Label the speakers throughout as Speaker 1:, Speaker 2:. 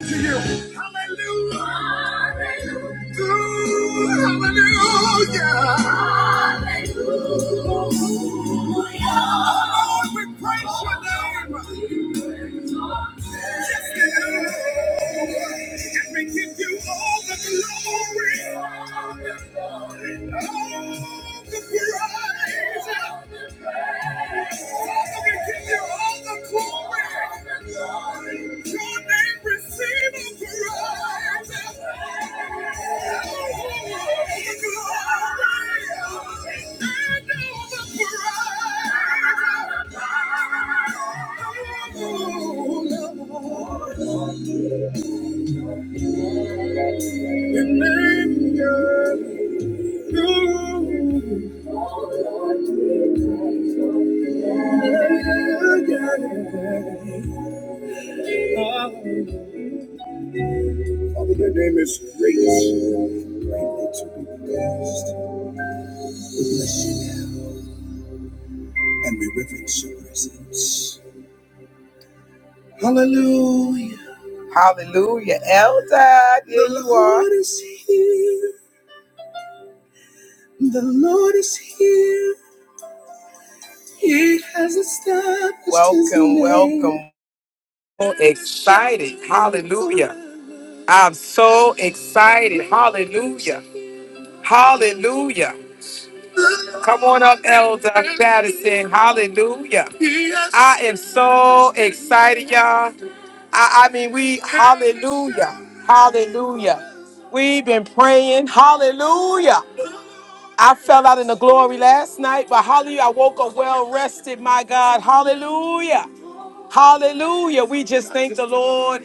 Speaker 1: to you. Hallelujah. Hallelujah. hallelujah. Lord, we praise your name. Yes, Lord. And we give you all the glory. All the praise. Father, we give you all the glory. Father, your name is great, greatly to be praised. We bless you now. and we reverence your presence. Hallelujah. Hallelujah. Elder, there the you are. The Lord is here. The Lord is here. He has established his Welcome, name. welcome. So excited. Hallelujah. I'm so excited. Hallelujah. Hallelujah. Come on up, Elder Patterson. Hallelujah. I am so excited, y'all. I, I mean, we, hallelujah, hallelujah. We've been praying, hallelujah. I fell out in the glory last night, but hallelujah, I woke up well rested, my God, hallelujah. Hallelujah. We just thank the Lord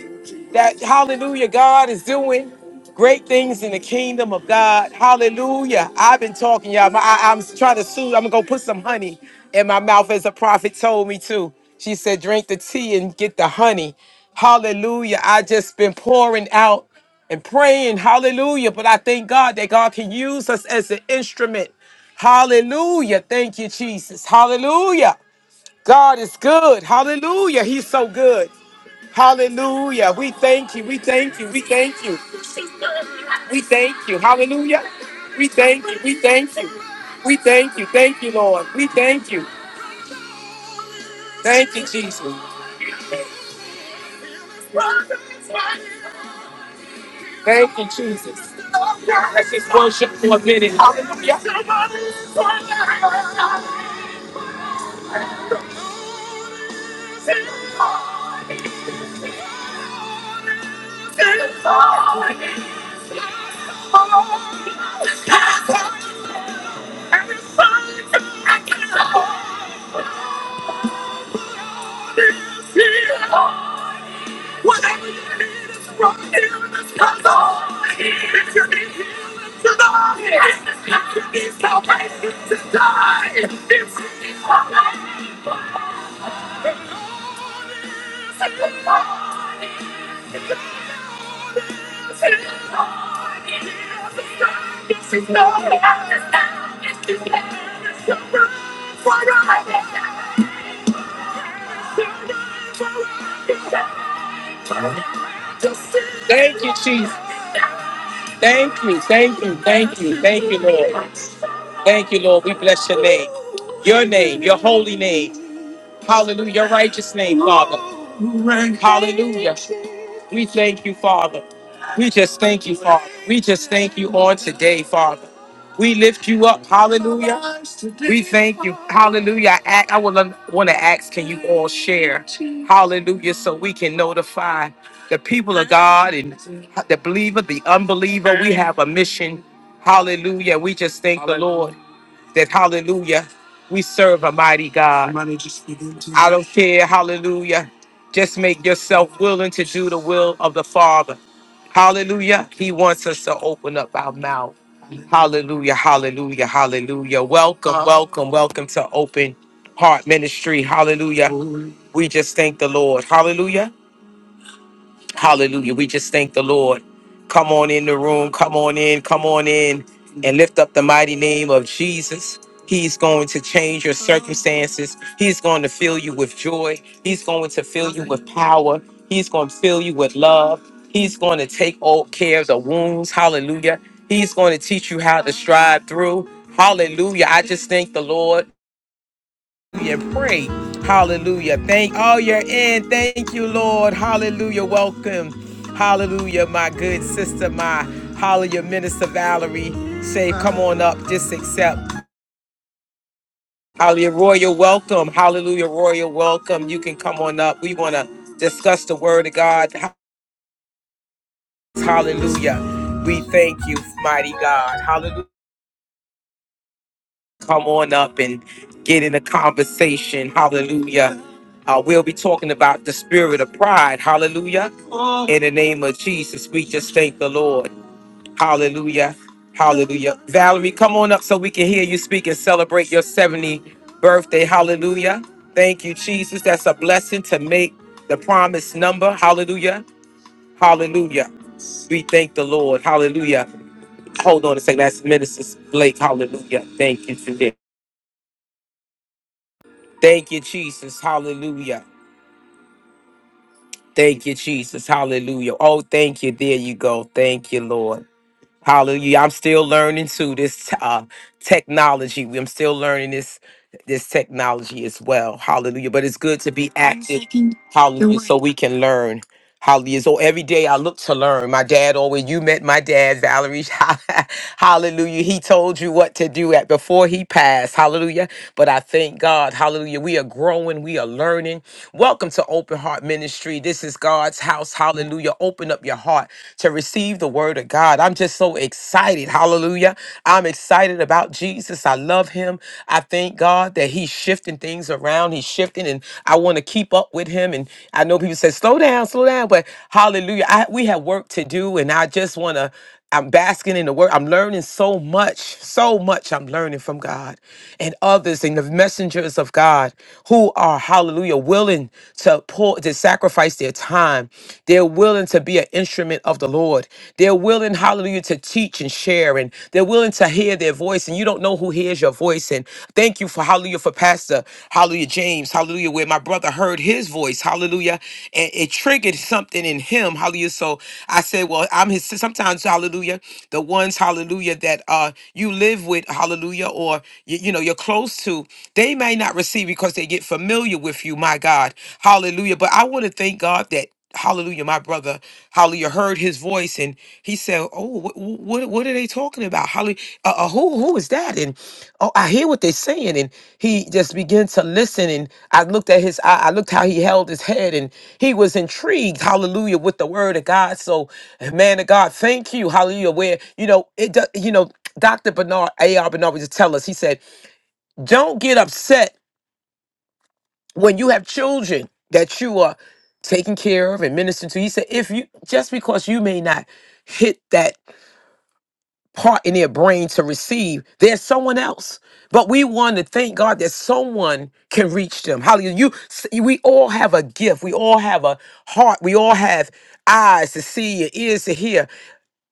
Speaker 1: that, hallelujah, God is doing great things in the kingdom of God. Hallelujah. I've been talking, y'all. My, I, am trying to soothe. I'm going to go put some honey in my mouth as a prophet told me to. She said, drink the tea and get the honey. Hallelujah. I just been pouring out and praying. Hallelujah. But I thank God that God can use us as an instrument. Hallelujah. Thank you, Jesus. Hallelujah. God is good. Hallelujah. He's so good. Hallelujah. We thank you. We thank you. We thank you. We thank you. Hallelujah. We thank you. We thank you. We thank you. Thank you, Lord. We thank you. Thank you, Jesus. Thank you, Jesus. Let's just worship for a minute. Hallelujah. Whatever you need is from here in this puzzle. If you need healing tonight, if you need salvation tonight, if you need salvation Thank you, Jesus. Thank you, thank you, thank you, thank you, Lord. Thank you, Lord. We bless your name, your name, your holy name. Hallelujah, your righteous name, Father. Hallelujah. We thank you, Father. We just thank you, Father. We just thank you on today, Father. We lift you up. Hallelujah. We thank you. Hallelujah. I, act- I would want to ask, can you all share? Hallelujah. So we can notify the people of God and the believer, the unbeliever. We have a mission. Hallelujah. We just thank the Lord that, hallelujah, we serve a mighty God. I don't care. Hallelujah. Just make yourself willing to do the will of the Father. Hallelujah. He wants us to open up our mouth. Hallelujah. Hallelujah. Hallelujah. Welcome, welcome, welcome to Open Heart Ministry. Hallelujah. We just thank the Lord. Hallelujah. Hallelujah. We just thank the Lord. Come on in the room. Come on in. Come on in and lift up the mighty name of Jesus. He's going to change your circumstances. He's going to fill you with joy. He's going to fill you with power. He's going to fill you with love. He's going to take all care of the wounds. Hallelujah. He's going to teach you how to strive through. Hallelujah. I just thank the Lord and pray. Hallelujah. Thank all you're in. Thank you, Lord. Hallelujah. Welcome. Hallelujah, my good sister, my hallelujah, Minister Valerie. Say, come on up. Just accept. Hallelujah, royal welcome. Hallelujah, royal welcome. You can come on up. We want to discuss the word of God. Hallelujah. We thank you, mighty God. Hallelujah. Come on up and get in a conversation. Hallelujah. Uh, we'll be talking about the spirit of pride. Hallelujah In the name of Jesus, we just thank the Lord. Hallelujah. Hallelujah. Valerie, come on up so we can hear you speak and celebrate your 70 birthday. Hallelujah. Thank you, Jesus. That's a blessing to make the promised number. Hallelujah. Hallelujah. We thank the Lord. Hallelujah. Hold on a second. That's Minister Blake. Hallelujah. Thank you today. Thank you, Jesus. Hallelujah. Thank you, Jesus. Hallelujah. Oh, thank you. There you go. Thank you, Lord. Hallelujah. I'm still learning too this uh, technology. I'm still learning this this technology as well. Hallelujah. But it's good to be active. Hallelujah. So we can learn. Hallelujah. So every day I look to learn. My dad always, you met my dad, Valerie. Hallelujah. He told you what to do at before he passed. Hallelujah. But I thank God. Hallelujah. We are growing. We are learning. Welcome to Open Heart Ministry. This is God's house. Hallelujah. Open up your heart to receive the word of God. I'm just so excited. Hallelujah. I'm excited about Jesus. I love him. I thank God that he he's shifting things around. He's shifting, and I want to keep up with him. And I know people say, slow down, slow down, but hallelujah. I, we have work to do, and I just want to. I'm basking in the word. I'm learning so much, so much I'm learning from God and others and the messengers of God who are, hallelujah, willing to pour, to sacrifice their time. They're willing to be an instrument of the Lord. They're willing, hallelujah, to to teach and share, and they're willing to hear their voice, and you don't know who hears your voice. And thank you for hallelujah for Pastor Hallelujah James, hallelujah, where my brother heard his voice, hallelujah, and it triggered something in him, hallelujah. So I said, Well, I'm his sometimes, hallelujah, the ones, hallelujah, that uh you live with, hallelujah, or you, you know, you're close to, they may not receive because they get familiar with you, my God, hallelujah. But I want to thank God that hallelujah my brother hallelujah heard his voice and he said oh what what, what are they talking about hallelujah uh, uh, who who is that and oh i hear what they're saying and he just began to listen and i looked at his i, I looked how he held his head and he was intrigued hallelujah with the word of god so man of god thank you hallelujah where you know it do- you know dr bernard ar bernard would just tell us he said don't get upset when you have children that you are taking care of and ministering to, he said, if you just because you may not hit that part in their brain to receive, there's someone else. But we want to thank God that someone can reach them. Hallelujah. You see, we all have a gift. We all have a heart. We all have eyes to see and ears to hear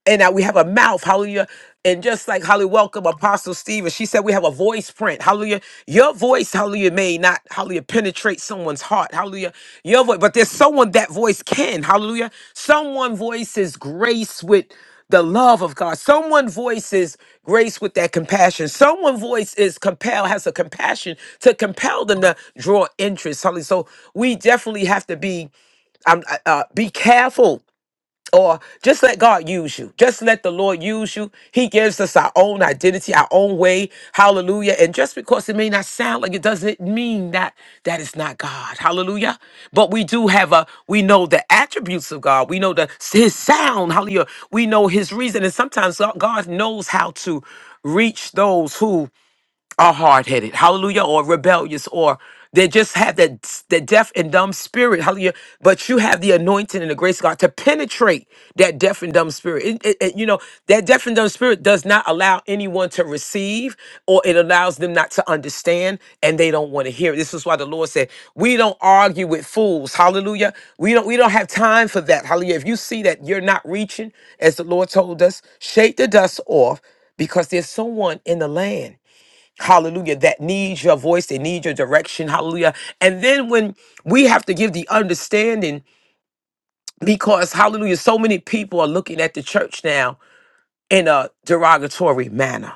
Speaker 1: and that we have a mouth, hallelujah. And just like hallelujah, welcome Apostle Stephen. She said we have a voice print, hallelujah. Your voice, hallelujah, may not, hallelujah, penetrate someone's heart, hallelujah. Your voice, but there's someone that voice can, hallelujah. Someone voices grace with the love of God. Someone voices grace with that compassion. Someone voice is compelled, has a compassion to compel them to draw interest. Hallelujah. So we definitely have to be um, uh, uh, be careful or just let God use you. Just let the Lord use you. He gives us our own identity, our own way. Hallelujah. And just because it may not sound like it doesn't mean that that is not God. Hallelujah. But we do have a we know the attributes of God. We know the his sound. Hallelujah. We know his reason and sometimes God God knows how to reach those who are hard headed, hallelujah, or rebellious, or they just have that that deaf and dumb spirit, hallelujah. But you have the anointing and the grace of God to penetrate that deaf and dumb spirit. It- it- it- you know that deaf and dumb spirit does not allow anyone to receive, or it allows them not to understand, and they don't want to hear. it. This is why the Lord said, "We don't argue with fools." Hallelujah. We don't we don't have time for that. Hallelujah. If you see that you're not reaching, as the Lord told us, shake the dust off, because there's someone in the land hallelujah, that needs your voice, they need your direction, hallelujah. And then when we have to give the understanding, because hallelujah, so many people are looking at the church now in a derogatory manner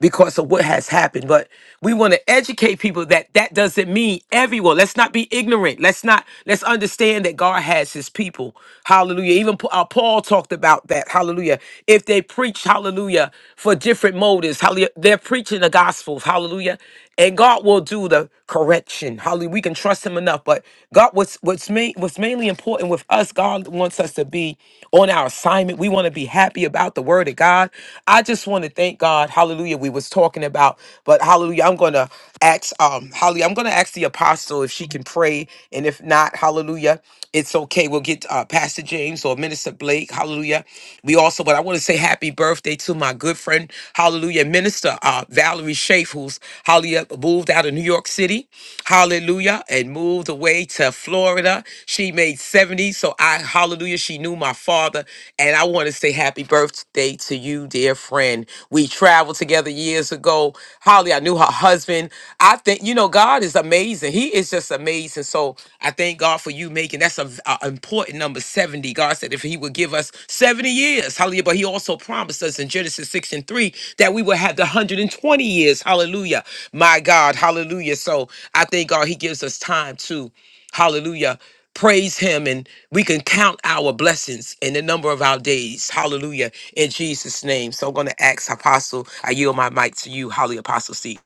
Speaker 1: because of what has happened but we want to educate people that that doesn't mean everyone let's not be ignorant let's not let's understand that god has his people hallelujah even Pa- uh, paul talked about that hallelujah if they preach hallelujah for different motives hallelujah they're preaching the gospel hallelujah and God will do the correction. Hallelujah. We can trust Him enough. But God, what's what's main what's mainly important with us, God wants us to be on our assignment. We want to be happy about the Word of God. I just want to thank God. Hallelujah. We was talking about, but Hallelujah. I'm gonna ask um Hallelujah. I'm gonna ask the apostle if she can pray, and if not, Hallelujah. It's okay. We'll get uh, Pastor James or Minister Blake. Hallelujah. We also, but I want to say happy birthday to my good friend, hallelujah, Minister uh, Valerie Schaaf, who's hallelujah, moved out of New York City, hallelujah, and moved away to Florida. She made 70. So I, hallelujah, she knew my father. And I want to say happy birthday birthday to you, dear friend. We traveled together years ago. Holly, I knew her husband. I think, you know, God is amazing. He is just amazing. So I thank God for you making that's an important number 70. God said if He would give us 70 years, hallelujah. But He also promised us in Genesis 6 and 3 that we would have the 120 years, hallelujah. My God, hallelujah. So I thank God He gives us time to. Hallelujah praise him and we can count our blessings and the number of our days hallelujah in jesus name so i'm going to ask apostle i yield my mic to you holy apostle c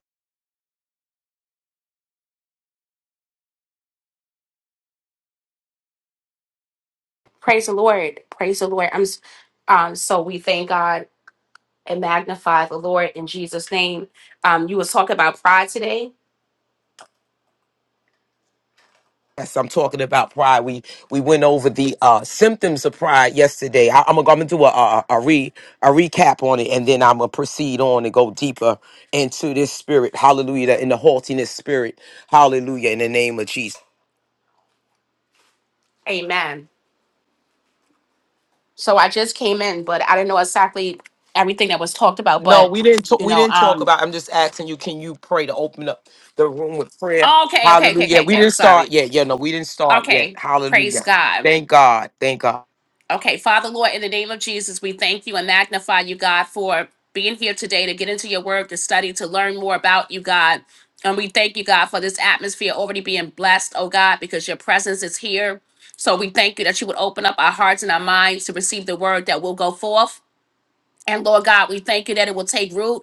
Speaker 2: Praise the Lord. Praise the Lord. I'm s- um so we thank God and magnify the Lord in Jesus name. Um you was talking about pride today.
Speaker 1: yes i'm talking about pride we we went over the uh symptoms of pride yesterday I, i'm gonna I'm gonna do a, a a re a recap on it and then i'm gonna proceed on and go deeper into this spirit hallelujah in the haughtiness spirit hallelujah in the name of jesus
Speaker 2: Amen. So I just came in but I didn't know exactly everything that was talked about
Speaker 1: No,
Speaker 2: but
Speaker 1: we didn't. Talk,
Speaker 2: you
Speaker 1: we
Speaker 2: know
Speaker 1: didn't talk
Speaker 2: um
Speaker 1: about. I'm just asking you. Can you pray to open up the room with prayer?
Speaker 2: okay okay okay
Speaker 1: Hallelujah.
Speaker 2: okay
Speaker 1: We
Speaker 2: okay I'm
Speaker 1: didn't start
Speaker 2: sorry.
Speaker 1: yet. Yeah, no, we didn't start yet.
Speaker 2: Okay. Praise
Speaker 1: Hallelujah.
Speaker 2: God.
Speaker 1: Thank God. Thank God.
Speaker 2: Okay, Father Lord, in the name of Jesus, we thank you and magnify you, God, for being here today to get into your word, to study, to learn more about you, God. And we thank you, God, for this atmosphere already being blessed, oh God, because your presence is here. So we thank you that you would open up our hearts and our minds to receive the word that will go forth. And Lord God, we thank you that it will take root.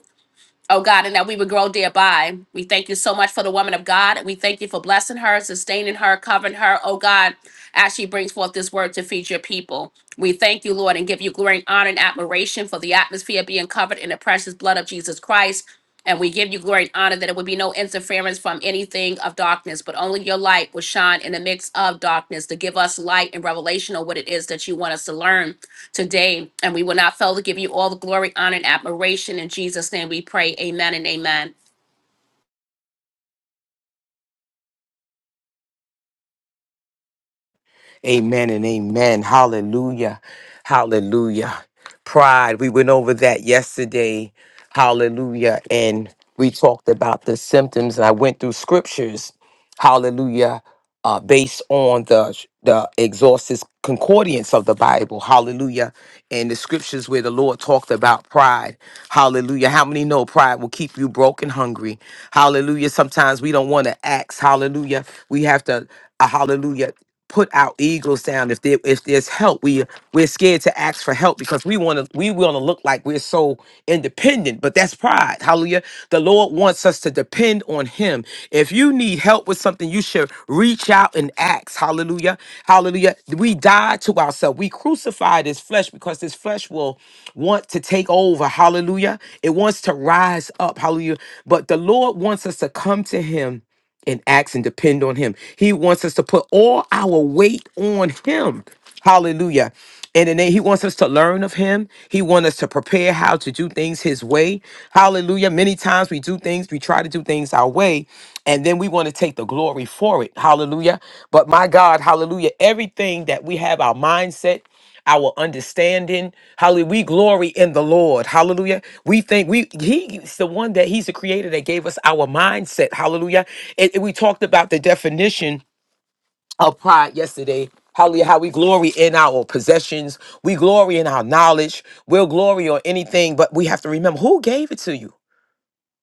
Speaker 2: Oh God, and that we would grow thereby. We thank you so much for the woman of God. And We thank you for blessing her, sustaining her, covering her, oh God, as she brings forth this word to feed your people. We thank you, Lord, and give you glory and honor and admiration for the atmosphere being covered in the precious blood of Jesus Christ. And we give you glory and honor that it would be no interference from anything of darkness, but only your light will shine in the midst of darkness to give us light and revelation of what it is that you want us to learn today, and we will not fail to give you all the glory, honor, and admiration. In Jesus' name we pray. Amen and amen.
Speaker 1: Amen and amen. Hallelujah. Hallelujah. Pride, we went over that yesterday. Hallelujah. And we talked about the symptoms. And I went through scriptures. Hallelujah. Uh, based on the the exhaustive concordance of the Bible, Hallelujah, and the scriptures where the Lord talked about pride, Hallelujah. How many know pride will keep you broke and hungry, Hallelujah. Sometimes we don't want to ask, Hallelujah. We have to uh, hallelujah put our egos down. If there if there's help, we we're scared to ask for help because we want to we want to look like we're so independent. But that's pride. Hallelujah. The Lord wants us to depend on Him. If you need help with something, you should reach out and ask. Hallelujah. Hallelujah. We die to ourselves. We crucify this flesh because this flesh will want to take over. Hallelujah. It wants to rise up. Hallelujah. But the Lord wants us to come to Him and ask and depend on him. He wants us to put all our weight on him. Hallelujah. And then he wants us to learn of him. He wants us to prepare how to do things his way. Hallelujah. Many times we do things, we try to do things our way, and then we want to take the glory for it. Hallelujah. But my God, hallelujah. Everything that we have, our mindset, our understanding. Hallelujah. We glory in the Lord. Hallelujah. We think we he's the one that he's the creator that gave us our mindset. Hallelujah. And, and we talked about the definition of pride yesterday. Hallelujah. How we glory in our possessions. We glory in our knowledge. We'll glory on anything, but we have to remember who gave it to you.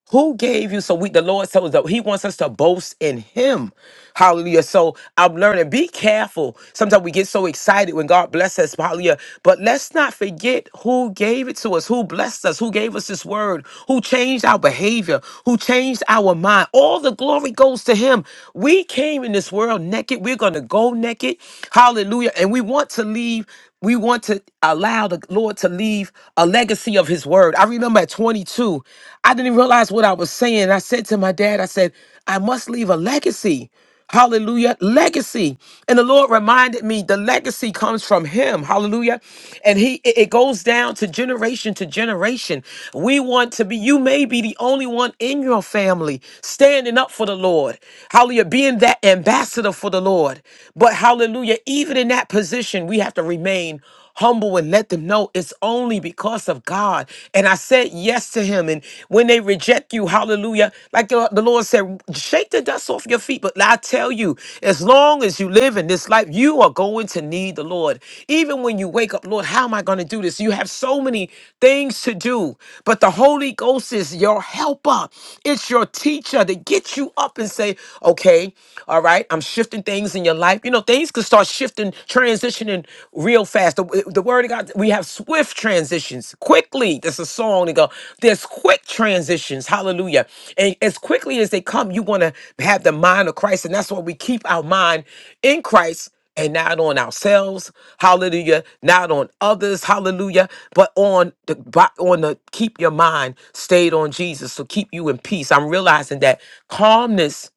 Speaker 1: Who gave you? So we, the Lord tells us that He wants us to boast in Him. Hallelujah. So I'm learning. Be careful. Sometimes we get so excited when God blesses us. Hallelujah. But let's not forget who gave it to us, who blessed us, who gave us this word, who changed our behavior, who changed our mind. All the glory goes to Him. We came in this world naked. We're going to go naked. Hallelujah. And we want to leave. We want to allow the Lord to leave a legacy of His word. I remember at 22, I didn't even realize what I was saying. I said to my dad, I said, I must leave a legacy. Hallelujah. Legacy. And the Lord reminded me the legacy comes from him. Hallelujah. And he it it goes down to generation to generation. We want to be you may be the only one in your family standing up for the Lord. Hallelujah, being that ambassador for the Lord. But hallelujah, and even in that position, we have to remain humble and let them know it's only because of God. And I said yes to him. And when they reject you, hallelujah, like the the Lord said, shake the dust off your feet. But I tell you, as long as you live in this life, you are going to need the Lord. Even when you wake up, Lord, how am I going to do this? You have so many things to do, but the Holy Ghost is your helper. It's your teacher to get you up and say, okay, all right, I'm shifting things in your life. You know, things could start shifting, transitioning real fast. The, the word of God, we have swift transitions. Quickly, there's a song to go, there's quick transitions. Hallelujah. And as quickly as they come, you want to have the mind of Christ. And that's why we keep our mind in Christ and not on ourselves hallelujah not on others hallelujah but on the bo- on the keep your mind stayed on jesus so keep you in peace i'm realizing that calmness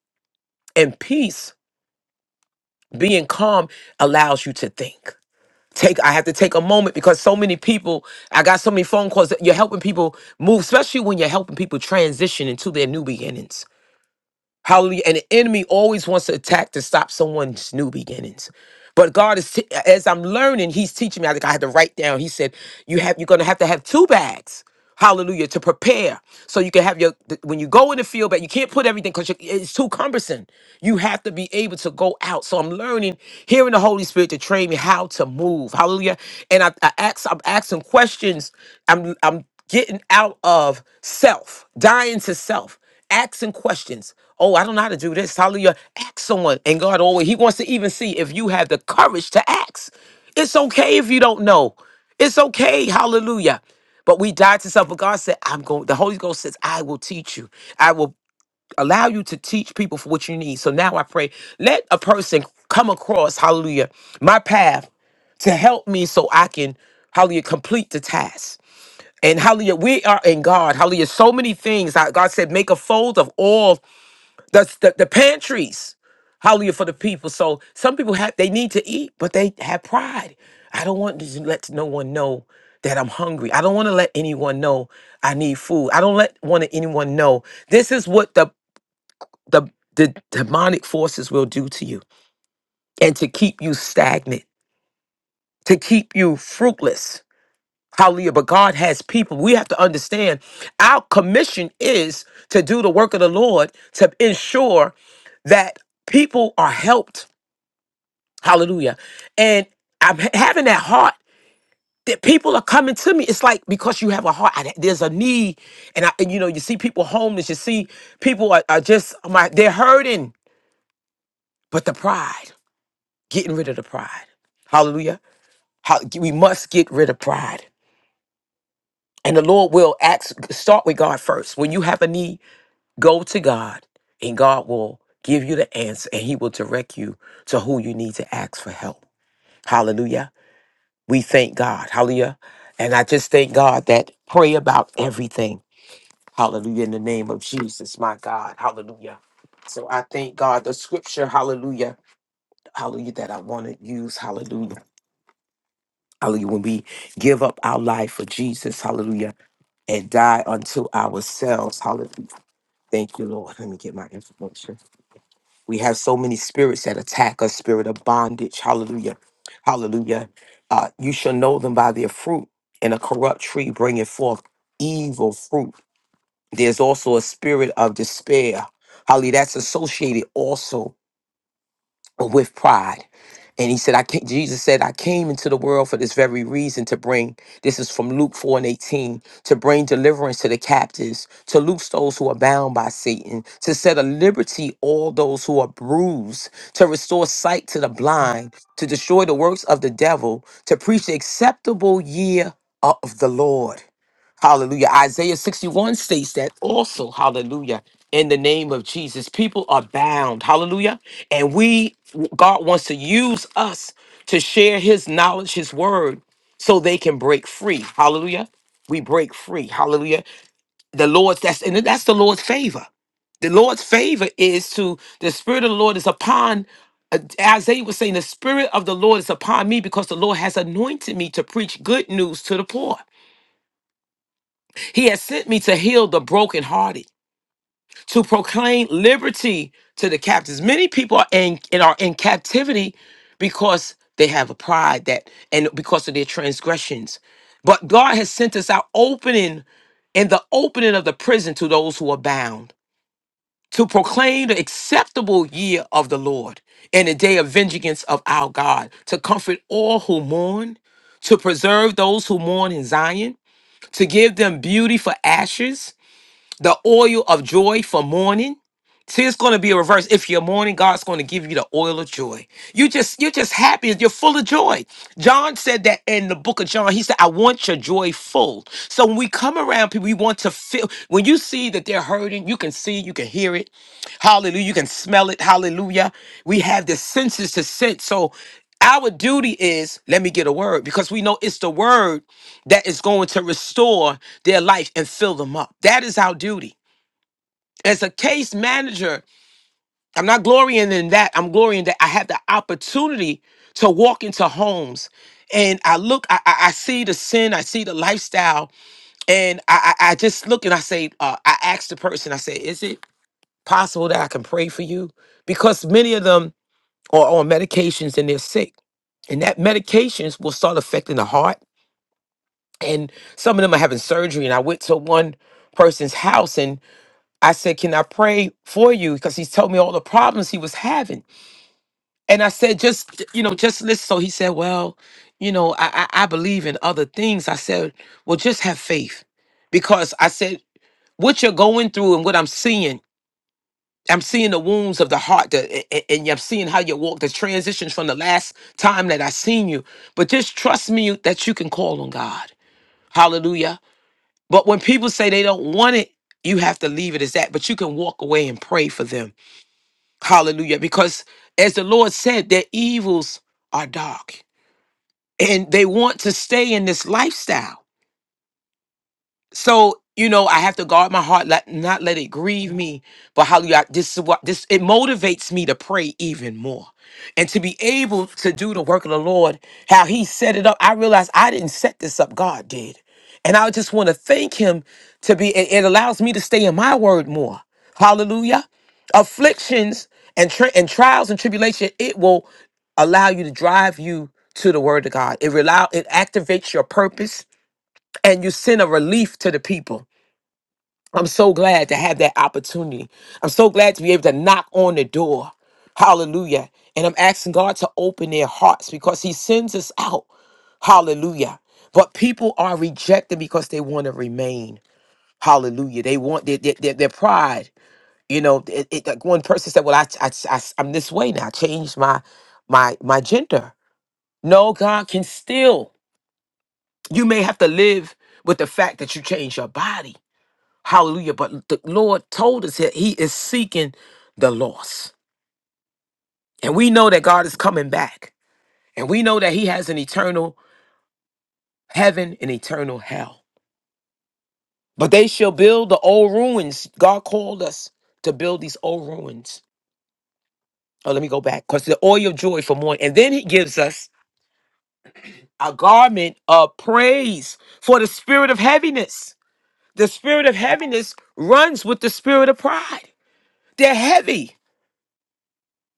Speaker 1: and peace being calm allows you to think take i have to take a moment because so many people i got so many phone calls that you're helping people move especially when you're helping people transition into their new beginnings Hallelujah. And the enemy always wants to attack to stop someone's new beginnings. But God is, t- as I'm learning, He's teaching me. I think I had to write down. He said, "You have, you're going to have to have two bags, Hallelujah, to prepare, so you can have your. th- When you go in the field, but you can't put everything because it's too cumbersome. You have to be able to go out. So I'm learning, hearing the Holy Spirit to train me how to move, Hallelujah. And I, I ask, I'm asking questions. I'm, I'm getting out of self, dying to self asking questions. Oh, I don't know how to do this. Hallelujah. Ask someone. And God always, He wants to even see if you have the courage to ask. It's okay if you don't know. It's okay. Hallelujah. But we died to self. But God said, I'm going, the Holy Ghost says, I will teach you. I will allow you to teach people for what you need. So now I pray, let a person come across, hallelujah, my path to help me so I can, hallelujah, complete the task. And hallelujah, we are in God. Hallelujah. So many things. How God said, make a fold of all the, the, the pantries. Hallelujah for the people. So some people have they need to eat, but they have pride. I don't want to let no one know that I'm hungry. I don't want to let anyone know I need food. I don't let want to anyone know. This is what the the the demonic forces will do to you and to keep you stagnant, to keep you fruitless Hallelujah. But God has people. We have to understand our commission is to do the work of the Lord to ensure that people are helped. Hallelujah. And I'm ha- having that heart that people are coming to me. It's like because you have a heart, I- there's a need. And, I, and you know, you see people homeless, you see people are, are just, oh my, they're hurting. But the pride, getting rid of the pride. Hallelujah. How, we must get rid of pride. And the Lord will ask, start with God first. When you have a need, Go to God, and God will give you the answer, and He will direct you to who you need to ask for help. Hallelujah. We thank God. Hallelujah. And I just thank God that pray about everything. Hallelujah. In the name of Jesus, my God. Hallelujah. So I thank God. The scripture, hallelujah, hallelujah, that I want to use, hallelujah. Hallelujah. When we give up our life for Jesus, hallelujah, and die unto ourselves, hallelujah. Thank you, Lord. Let me get my information. We have so many spirits that attack us, spirit of bondage. Hallelujah. Hallelujah. Uh, you shall know them by their fruit, and a corrupt tree bringeth forth evil fruit. There's also a spirit of despair. Hallelujah. That's associated also with pride. And he said, I came, Jesus said, I came into the world for this very reason to bring, this is from Luke 4 and 18, to bring deliverance to the captives, to loose those who are bound by Satan, to set at liberty all those who are bruised, to restore sight to the blind, to destroy the works of the devil, to preach the acceptable year of the Lord. Hallelujah. Isaiah 61 states that also, hallelujah, in the name of Jesus, people are bound. Hallelujah and we, God wants to use us to share his knowledge, his word, so they can break free. Hallelujah. We break free. Hallelujah. The Lord's, that's, and that's the Lord's favor. The Lord's favor is to, the Spirit of the Lord is upon, uh, Isaiah was saying, the Spirit of the Lord is upon me because the Lord has anointed me to preach good news to the poor. He has sent me to heal the brokenhearted to proclaim liberty to the captives. Many people are in and are in captivity because they have a pride that and because of their transgressions. But God has sent us out opening and the opening of the prison to those who are bound to proclaim the acceptable year of the Lord and the day of vengeance of our God, to comfort all who mourn, to preserve those who mourn in Zion, to give them beauty for ashes, the oil of joy for mourning, See, it's going to be a reverse. If you're mourning, God's going to give you the oil of joy. You just, you're just happy. You're full of joy. John said that in the book of John. He said, "I want your joy full." So when we come around people, we want to feel. When you see that they're hurting, you can see, you can hear it. Hallelujah! You can smell it. Hallelujah! We have the senses to sense. So our duty is let me get a word because we know it's the word that is going to restore their life and fill them up. That is our duty. As a case manager, I'm not glorying in that. I'm glorying that I have the opportunity to walk into homes. And I look, I, I I see the sin, I see the lifestyle, and I, I, I just look and I say, uh, I ask the person, I say, is it possible that I can pray for you? Because many of them are on medications and they're sick. And that medications will start affecting the heart. And some of them are having surgery. And I went to one person's house and I said, Can I pray for you? Because he's told me all the problems he was having. And I said, just, you know, just listen. So he said, well, you know, I, I, I believe in other things. I said, well, just have faith. Because I said, what you're going through and what I'm seeing, I'm seeing the wounds of the heart that, a- a- and I'm seeing how you walk, the transitions from the last time that I seen you. But just trust me that you can call on God. Hallelujah. But when people say they don't want it, you have to leave it as that. But you can walk away and pray for them. Hallelujah. Because as the Lord said, their evils are dark. and they want to stay in this lifestyle so you know i have to guard my heart let, not let it grieve me but hallelujah I- this is what this it motivates me to pray even more and to be able to do the work of the lord how he set it up i realized i didn't set this up god did and i just want to thank him to be it, it allows me to stay in my word more hallelujah afflictions and tri- and trials and tribulation it will allow you to drive you to the word of god it allow it activates your purpose and you send a relief to the people. I'm so glad to have that opportunity. I'm so glad to be able to knock on the door. Hallelujah. And I'm asking God to open their hearts because He sends us out. Hallelujah. But people are rejected because they want to remain. Hallelujah. They want their, their, their, their pride. You know, it, it- like one person said, Well, I, I, I, I'm this way now. I changed my, my, my gender. No, God can still. You may have to live with the fact that you changed your body Hallelujah. But the Lord told us that He is seeking the lost. And we know that God is coming back. And we know that He has an eternal heaven and eternal hell. But they shall build the old ruins. God called us to build these old ruins. Oh, let me go back. Because the oil of joy for mourning. And then He gives us a garment of praise for the spirit of heaviness. The spirit of heaviness runs with the spirit of pride. They're heavy.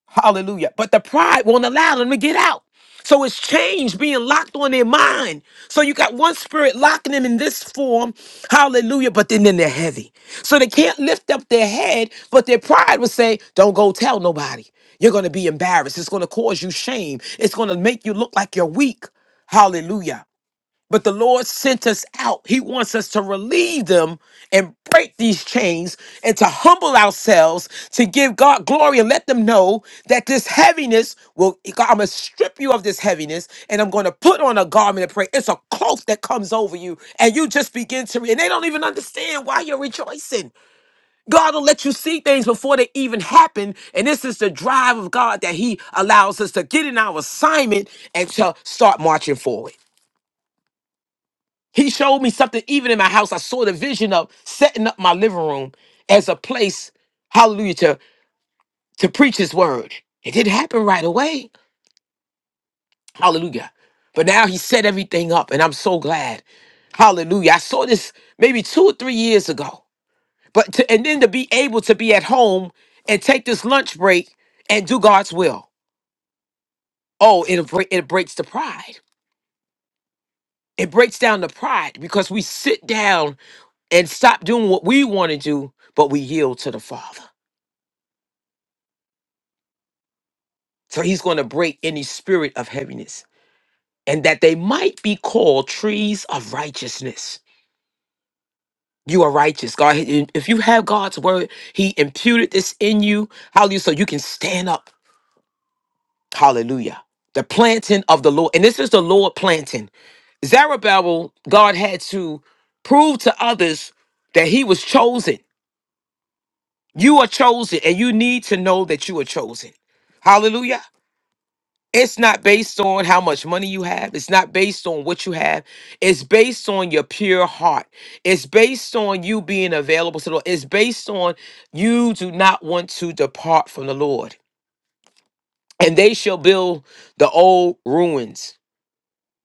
Speaker 1: Hallelujah. But the pride won't allow them to get out. So it's change being locked on their mind. So you got one spirit locking them in this form. Hallelujah. But then, then they're heavy. So they can't lift up their head, but their pride would say, Don't go tell nobody. You're going to be embarrassed. It's going to cause you shame. It's going to make you look like you're weak. Hallelujah. But the Lord sent us out. He wants us to relieve them and break these chains and to humble ourselves to give God glory and let them know that this heaviness will, I'm going to strip you of this heaviness and I'm going to put on a garment of praise. It's a cloak that comes over you and you just begin to, re- and they don't even understand why you're rejoicing. God will let you see things before they even happen. And this is the drive of God that He allows us to get in our assignment and to start marching forward. He showed me something even in my house. I saw the vision of setting up my living room as a place, hallelujah, to, to preach his word. It didn't happen right away. Hallelujah. But now he set everything up, and I'm so glad. Hallelujah. I saw this maybe two or three years ago. But to, and then to be able to be at home and take this lunch break and do God's will. Oh, it, it breaks the pride. It breaks down the pride because we sit down and stop doing what we want to do, but we yield to the Father. So he's going to break any spirit of heaviness and that they might be called trees of righteousness. You are righteous, God. If you have God's word, he imputed this in you. Hallelujah. So you can stand up. Hallelujah. The planting of the Lord. And this is the Lord planting. Zerubbabel, God had to prove to others that he was chosen. You are chosen, and you need to know that you are chosen. Hallelujah. It's not based on how much money you have. It's not based on what you have. It's based on your pure heart. It's based on you being available to the Lord. It's based on you do not want to depart from the Lord. And they shall build the old ruins.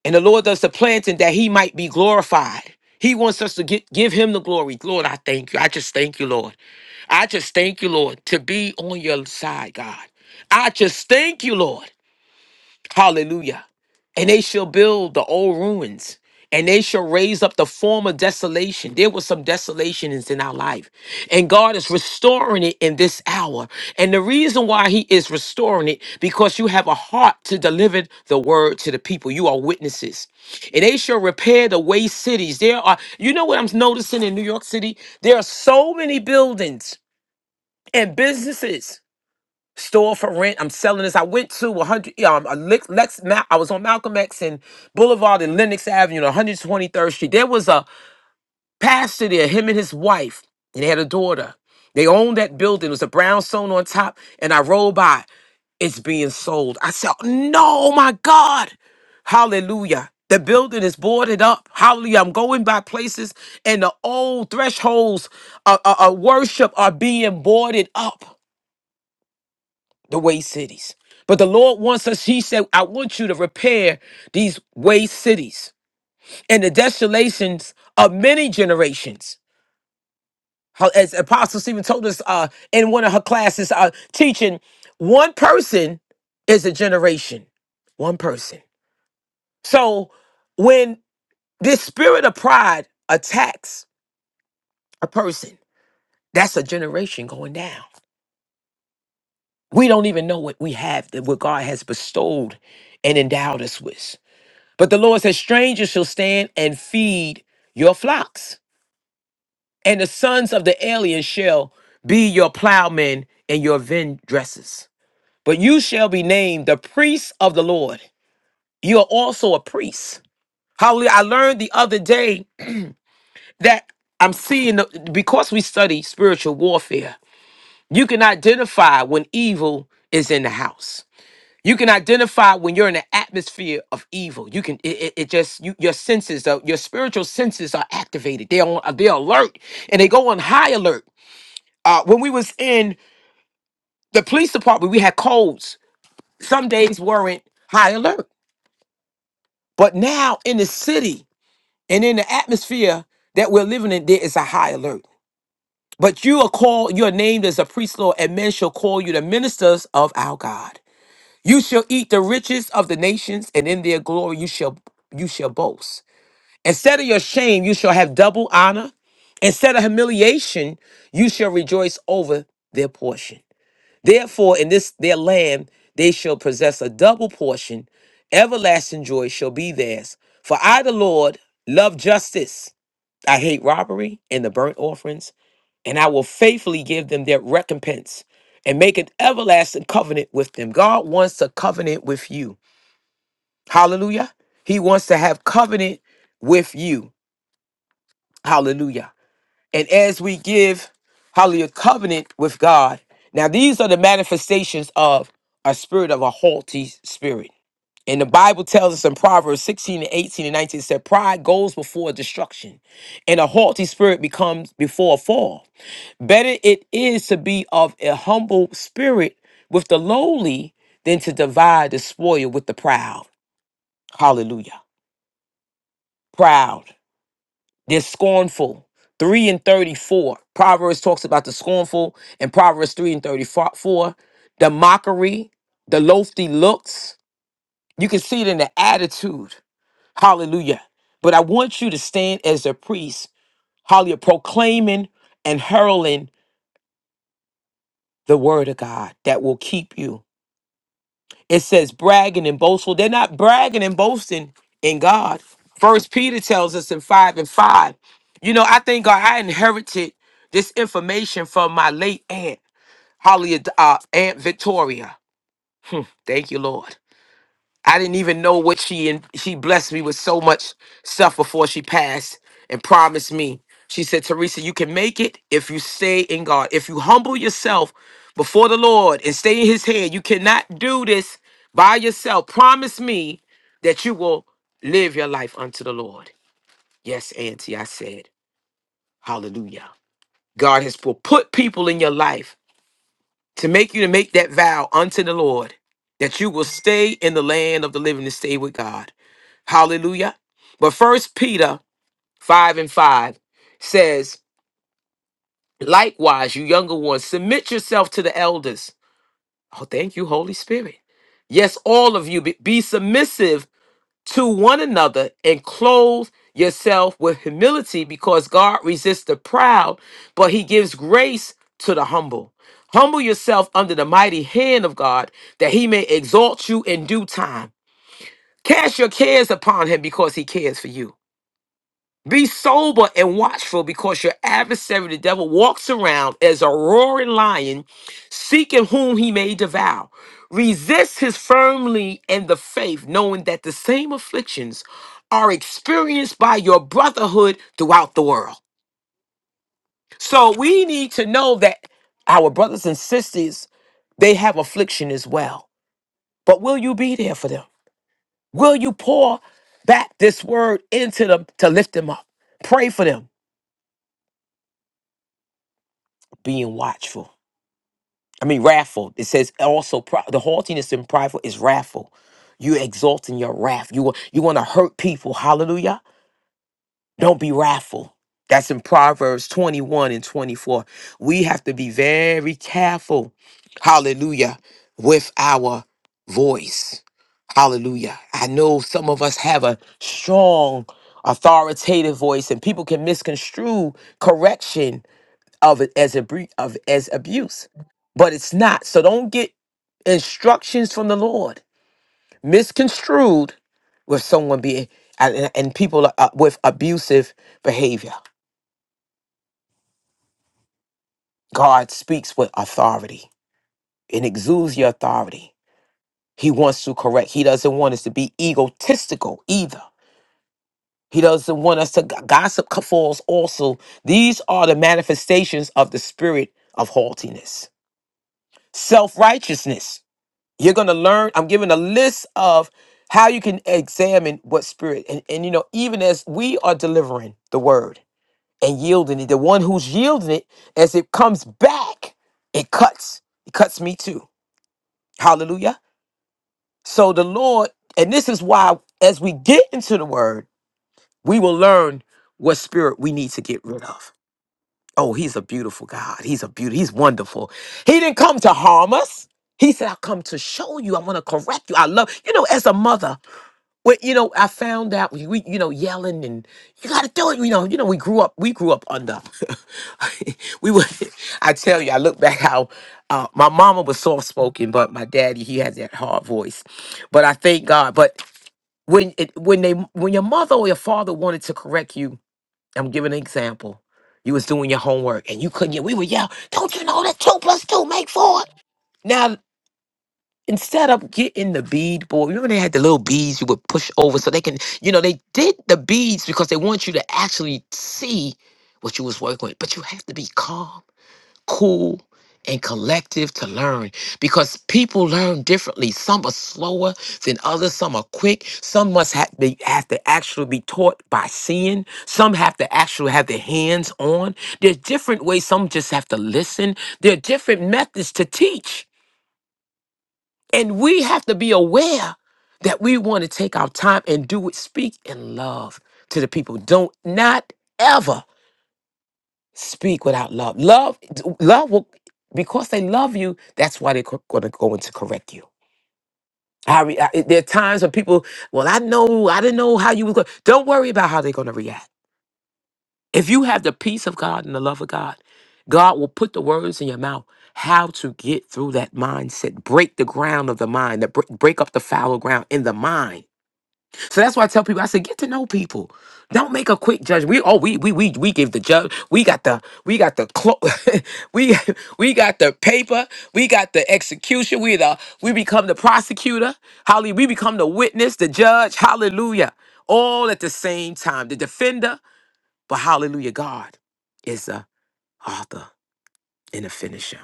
Speaker 1: And the Lord does the planting that he might be glorified. He wants us to get, give him the glory. Lord, I thank you. I just thank you, Lord. I just thank you, Lord, to be on your side, God. I just thank you, Lord. Hallelujah. And they shall build the old ruins, and they shall raise up the former desolation. There was some desolations in our life, and God is restoring it in this hour. And the reason why He is restoring it, because you have a heart to deliver the word to the people. You are witnesses. And they shall repair the waste cities. There are, you know what I'm noticing in New York City? There are so many buildings and businesses store for rent. I'm selling this. I went to 100, um, a Lex, Lex Ma- I was on Malcolm X and Boulevard and Lenox Avenue, and 123rd Street. There was a pastor there, him and his wife, and they had a daughter. They owned that building. It was a brownstone on top, and I rolled by. It's being sold. I said, No, my God. Hallelujah. The building is boarded up. Hallelujah. I'm going by places, and the old thresholds of of- of worship are being boarded up the waste cities. But the Lord wants us, He said, I want you to repair these waste cities and the desolations of many generations. How- As Apostle Stephen told us uh, in one of her classes, uh, teaching, one person is a generation, one person. So when this spirit of pride attacks a person, that's a generation going down. We don't even know what we have, that what God has bestowed and endowed us with. But the Lord says, Strangers shall stand and feed your flocks, and the sons of the alien shall be your plowmen and your vine dressers. But you shall be named the priests of the Lord. You are also a priest. Hallelujah. I learned the other day that I'm seeing, the- because we study spiritual warfare, you can identify when evil is in the house. You can identify when you're in an atmosphere of evil. You can it, it, it just you, your senses, uh, your spiritual senses are activated. They're on, uh, they're alert and they go on high alert. Uh, when we was in the police department, we had codes. Some days weren't high alert, but now in the city and in the atmosphere that we're living in, there is a high alert. But you are called, you are named as a priest, Lord, and men shall call you the ministers of our God. You shall eat the riches of the nations, and in their glory you shall you shall boast. Instead of your shame, you shall have double honor. Instead of humiliation, you shall rejoice over their portion. Therefore, in this their land they shall possess a double portion. Everlasting joy shall be theirs. For I, the Lord, love justice. I hate robbery and the burnt offerings, and I will faithfully give them their recompense and make an everlasting covenant with them. God wants a covenant with you. Hallelujah. He wants to have covenant with you. Hallelujah. And as we give, hallelujah, covenant with God. Now, these are the manifestations of a spirit of a haughty spirit. And the Bible tells us in Proverbs 16 and 18 and 19, it said, Pride goes before destruction, and a haughty spirit becomes before a fall. Better it is to be of a humble spirit with the lowly than to divide the spoil with the proud. Hallelujah. Proud. They're scornful. 3 and 34. Proverbs talks about the scornful and Proverbs 3 and 34. The mockery, the lofty looks. You can see it in the attitude. Hallelujah. But I want you to stand as a priest, hallelujah, proclaiming and hurling the word of God that will keep you. It says bragging and boastful. They're not bragging and boasting in God. First Peter tells us in five and five. You know, I think God, I inherited this information from my late aunt, Holly, uh, Aunt Victoria. Thank you, Lord. I didn't even know what she and she blessed me with so much stuff before she passed and promised me. She said, Teresa, you can make it if you stay in God. If you humble yourself before the Lord and stay in his hand, you cannot do this by yourself. Promise me that you will live your life unto the Lord. Yes, Auntie, I said, Hallelujah. God has pu- put people in your life to make you to make that vow unto the Lord that you will stay in the land of the living and stay with God. Hallelujah. But first Peter 5 and 5 says, likewise, you younger ones, submit yourself to the elders. Oh, thank you, Holy Spirit. Yes, all of you be, be submissive to one another and clothe yourself with humility because God resists the proud, but he gives grace to the humble. Humble yourself under the mighty hand of God that he may exalt you in due time. Cast your cares upon him because he cares for you. Be sober and watchful because your adversary, the devil, walks around as a roaring lion, seeking whom he may devour. Resist his firmly in the faith, knowing that the same afflictions are experienced by your brotherhood throughout the world. So we need to know that our brothers and sisters, they have affliction as well. But will you be there for them? Will you pour back this word into them to lift them up? Pray for them, being watchful. I mean, wrathful. It says also prou- the haughtiness and prideful is wrathful. You exalting your wrath. You wa- you want to hurt people. Hallelujah. Don't be wrathful. That's in Proverbs 21 and 24. We have to be very careful. Hallelujah. With our voice. Hallelujah. I know some of us have a strong, authoritative voice, and people can misconstrue correction of it as a bre- of as abuse, but it's not. So don't get instructions from the Lord misconstrued with someone being and, and and people are, uh, with abusive behavior. God speaks with authority and exudes your authority. He wants to correct. He doesn't want us to be egotistical either. He doesn't want us to g- gossip c- falls also. These are the manifestations of the spirit of haughtiness, self righteousness. You're going to learn. I'm giving a list of how you can examine what spirit. And, and, you know, even as we are delivering the word and yielding it, the one who's yielding it, as it comes back, it cuts. It cuts me too. Hallelujah. So the Lord, and this is why as we get into the word, we will learn what spirit we need to get rid of. Oh, he's a beautiful God. He's a beauty. He's wonderful. He didn't come to harm us. He said, I come to show you. I want to correct you. I love, you know, as a mother. Well, you know, I found out we, we you know, yelling and you got to do it. You know, you know, we grew up, we grew up under. we were, I tell you, I look back how uh, my mama was soft spoken, but my daddy he had that hard voice. But I thank God. But when it, when they when your mother or your father wanted to correct you, I'm giving an example. You was doing your homework and you couldn't. yet- We would yell, "Don't you know that two plus two make four?" Now instead of getting the bead board, remember they had the little beads you would push over so they can, you know, they did the beads because they want you to actually see what you was working with. But you have to be calm, cool, and collective to learn because people learn differently. Some are slower than others, some are quick, some must have they have to actually be taught by seeing, some have to actually have their hands on. There's different ways, some just have to listen. There are different methods to teach. And we have to be aware that we want to take our time and do it, speak in love to the people. Don't not ever speak without love. Love, love will, because they love you, that's why they're going to go in to correct you. I, re- I, there are times when people, well, I know, I didn't know how you were going. Don't worry about how they're going to react. If you have the peace of God and the love of God, God will put the words in your mouth how to get through that mindset, break the ground of the mind, the, break up the fallow ground in the mind So that's why I tell people, I said, get to know people. Don't make a quick judge. We oh we we we we give the judge. We got the we got the clo- we we got the paper. We got the execution. We the we become the prosecutor. Hallelujah. We become the witness, the judge. Hallelujah. All at the same time. The defender, but hallelujah, God is the author and the finisher.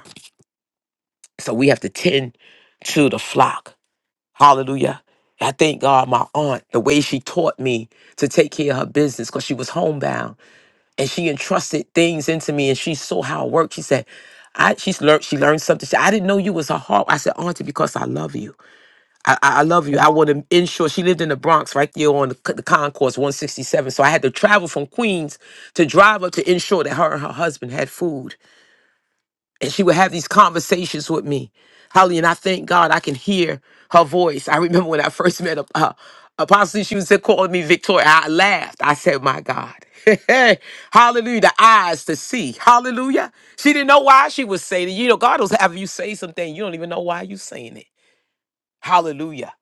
Speaker 1: So we have to tend to the flock. Hallelujah. I thank God, my aunt, the way she taught me to take care of her business because she was homebound and she entrusted things into me and she saw how it worked. She said, I, she's learned she learned something. She, I didn't know you was her heart. I said, Auntie, because I love you. I, I, I love you. I want to ensure she lived in the Bronx right there on the, c- the concourse 167. So I had to travel from Queens to drive up to ensure that her and her husband had food and she would have these conversations with me. Holly, and I thank God I can hear her voice. I remember when I first met uh, Apostle, she was calling me Victoria. I laughed. I said, My God. Hallelujah. The eyes to see. Hallelujah. She didn't know why she was saying it. You know, God will have you say something. You don't even know why you're saying it. Hallelujah.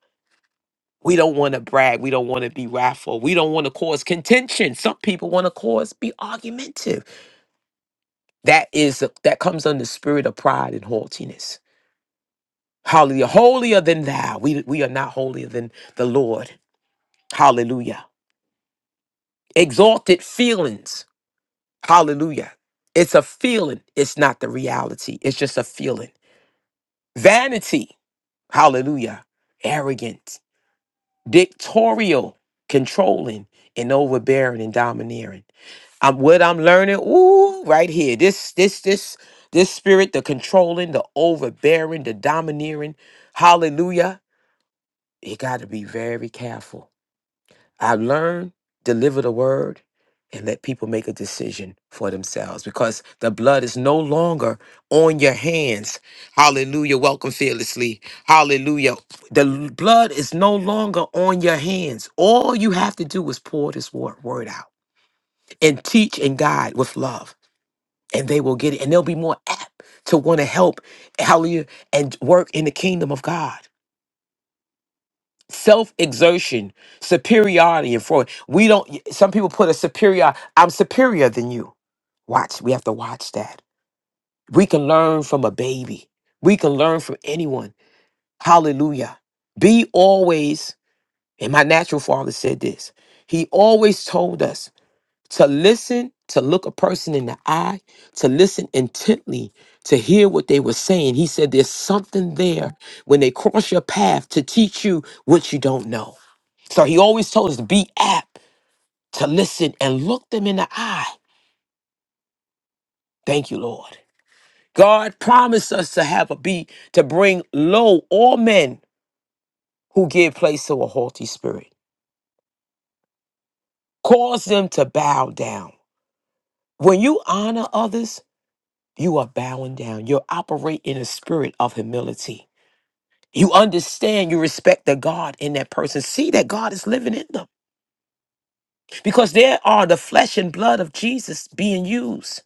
Speaker 1: We don't want to brag. We don't want to be wrathful. We don't want to cause contention. Some people want to cause be argumentative. That is that comes under the spirit of pride and haughtiness. Hallelujah. Holier than thou. We, we are not holier than the Lord. Hallelujah. Exalted feelings. Hallelujah. It's a feeling. It's not the reality. It's just a feeling. Vanity. Hallelujah. Arrogant. Dictatorial. Controlling and overbearing and domineering. I'm what I'm learning. Ooh, right here. This this this this spirit, the controlling, the overbearing, the domineering. Hallelujah. You got to be very careful I learn, deliver the word, and let people make a decision for themselves because the blood is no longer on your hands. Hallelujah. Welcome fearlessly. Hallelujah. The l- blood is no longer on your hands. All you have to do is pour this wor- word out and teach and guide with love, and they will get it. And they'll be more apt to want to help, hallelujah, and work in the kingdom of God self exertion, superiority, and for we don't. Some people put a superior. I'm superior than you. Watch. We have to watch that. We can learn from a baby. We can learn from anyone. Hallelujah. Be always. And my natural father said this. He always told us to listen, to look a person in the eye, to listen intently, to hear what they were saying. He said, There's something there when they cross your path to teach you what you don't know. So he always told us to be apt to listen and look them in the eye. Thank you, Lord. God promised us to have a be to bring low all men who give place to a haughty spirit. Cause them to bow down. When you honor others, you are bowing down. You operate in a spirit of humility. You understand, you respect the God in that person. See that God is living in them because there are the flesh and blood of Jesus being used.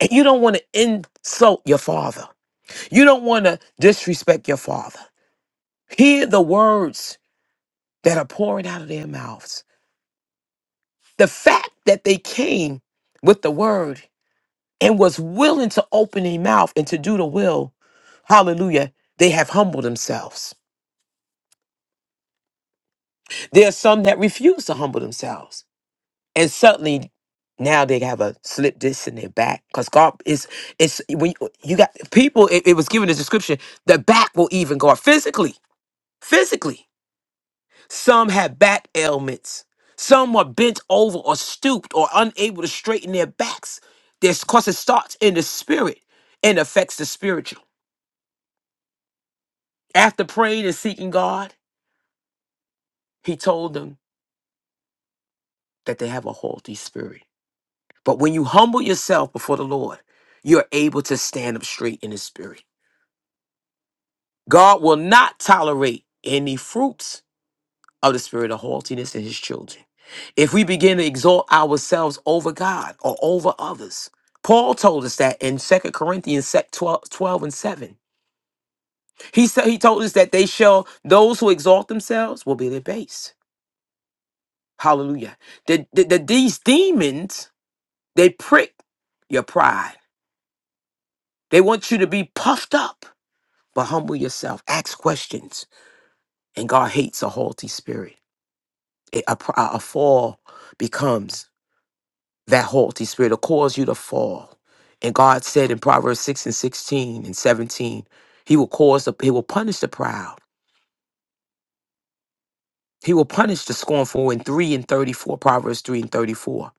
Speaker 1: And you don't want to insult your father. You don't want to disrespect your father. Hear the words that are pouring out of their mouths. The fact that they came with the word and was willing to open their mouth and to do the will, hallelujah, they have humbled themselves. There are some that refuse to humble themselves. And suddenly now they have a slip disc in their back because God is, it's when you, you got people, it, it was given a description, the back will even go up physically, physically. Some had back ailments. Some were bent over or stooped or unable to straighten their backs. This because it starts in the spirit and affects the spiritual. After praying and seeking God, he told them that they have a haughty spirit. But when you humble yourself before the Lord, you're able to stand up straight in the spirit. God will not tolerate any fruits of the spirit of haughtiness in his children. If we begin to exalt ourselves over God or over others, Paul told us that in Second Corinthians sec- 12, 12 and 7. He said he told us that they shall those who exalt themselves will be debased. Hallelujah. That, that, that these demons, they prick your pride. They want you to be puffed up, but humble yourself. Ask questions. And God hates a haughty spirit. A, a, pr- a fall becomes that haughty spirit will cause you to fall. And God said in Proverbs 6 and 16 and 17, He will cause the, He will punish the proud. He will punish the scornful in 3 and 34, Proverbs 3 and 34.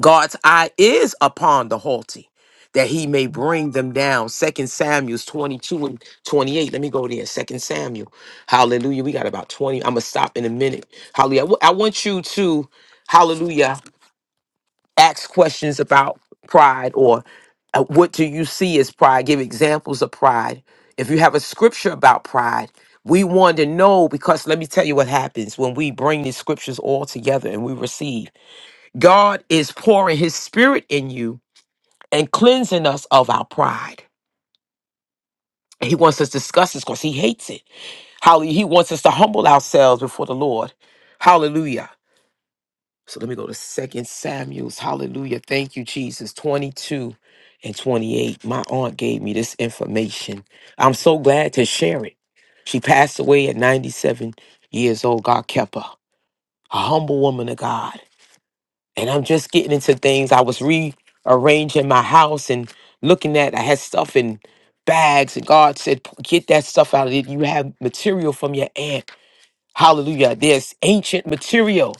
Speaker 1: God's eye is upon the haughty, that he may bring them down. Second Samuel 22 and 28. Let me go there. Second Samuel. Hallelujah. We got about 20. I'm going to stop in a minute. Hallelujah. I wa- I want you to, hallelujah. ask questions about pride or uh, what do you see as pride give examples of pride if you have a scripture about pride we want to know because let me tell you what happens when we bring these scriptures all together and we receive god is pouring his spirit in you and cleansing us of our pride And he wants us to discuss this because he hates it how he wants us to humble ourselves before the lord hallelujah So let me go to Second Samuel's. Hallelujah. Thank you, Jesus. 22 and 28. My aunt gave me this information. I'm so glad to share it. She passed away at 97 years old. God kept her. A humble woman of God. And I'm just getting into things. I was rearranging my house and looking at I had stuff in bags. And God said, "P- get that stuff out of it. You have material from your aunt. Hallelujah. There's ancient material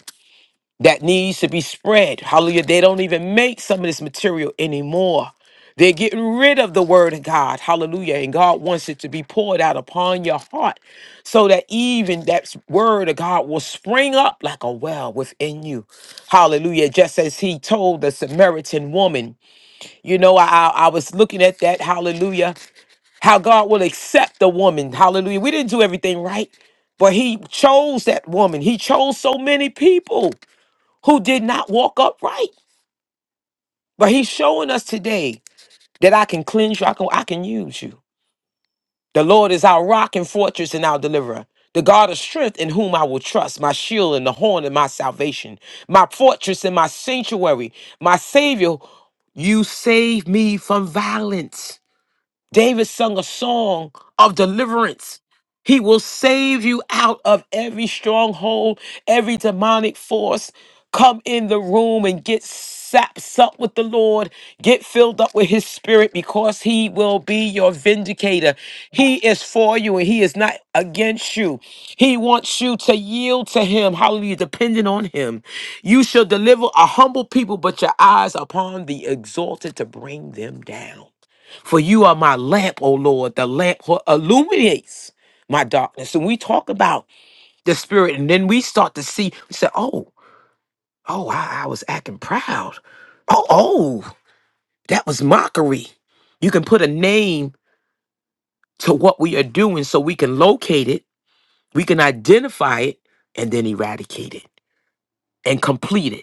Speaker 1: that needs to be spread. Hallelujah. They don't even make some of this material anymore. They're getting rid of the word of God. Hallelujah. And God wants it to be poured out upon your heart so that even that word of God will spring up like a well within you. Hallelujah. Just as he told the Samaritan woman, you know, I, I I was looking at that. Hallelujah. How God will accept the woman. Hallelujah. We didn't do everything right, but he chose that woman. He chose so many people who did not walk upright. But he's showing us today that I can cleanse you, I can, I can use you. The Lord is our rock and fortress and our deliverer. The God of strength in whom I will trust, my shield and the horn of my salvation, my fortress and my sanctuary, my Savior. You save me from violence. David sung a song of deliverance. He will save you out of every stronghold, every demonic force. Come in the room and get saps up with the Lord. Get filled up with his spirit because he will be your vindicator. He is for you and he is not against you. He wants you to yield to him. Hallelujah. Depending on him. You shall deliver a humble people, but your eyes upon the exalted to bring them down. For you are my lamp, O Lord, the lamp who illuminates my darkness. And we talk about the spirit, and then we start to see, we say, oh, oh, I, I was acting proud. Oh, oh, that was mockery. You can put a name to what we are doing so we can locate it, we can identify it, and then eradicate it and complete it.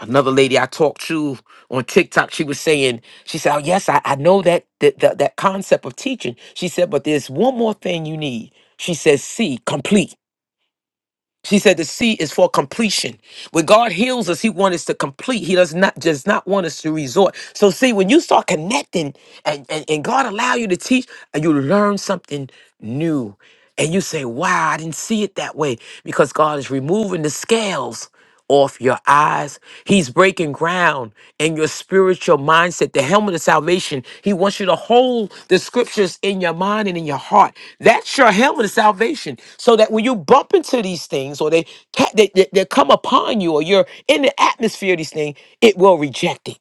Speaker 1: Another lady I talked to on TikTok, she was saying, she said, oh, yes, I, I know that, that, that, that concept of teaching. She said, but there's one more thing you need. She says, see, complete. She said the C is for completion. When God heals us, He wants us to complete. He does not does not want us to resort. So see, when you start connecting and, and, and God allow you to teach and you learn something new. And you say, Wow, I didn't see it that way. Because God is removing the scales off your eyes. He's breaking ground in your spiritual mindset, the helmet of salvation. He wants you to hold the scriptures in your mind and in your heart that's your helmet of salvation. So that when you bump into these things or they, ca- they, they, they come upon you or you're in the atmosphere of these things, it will reject it.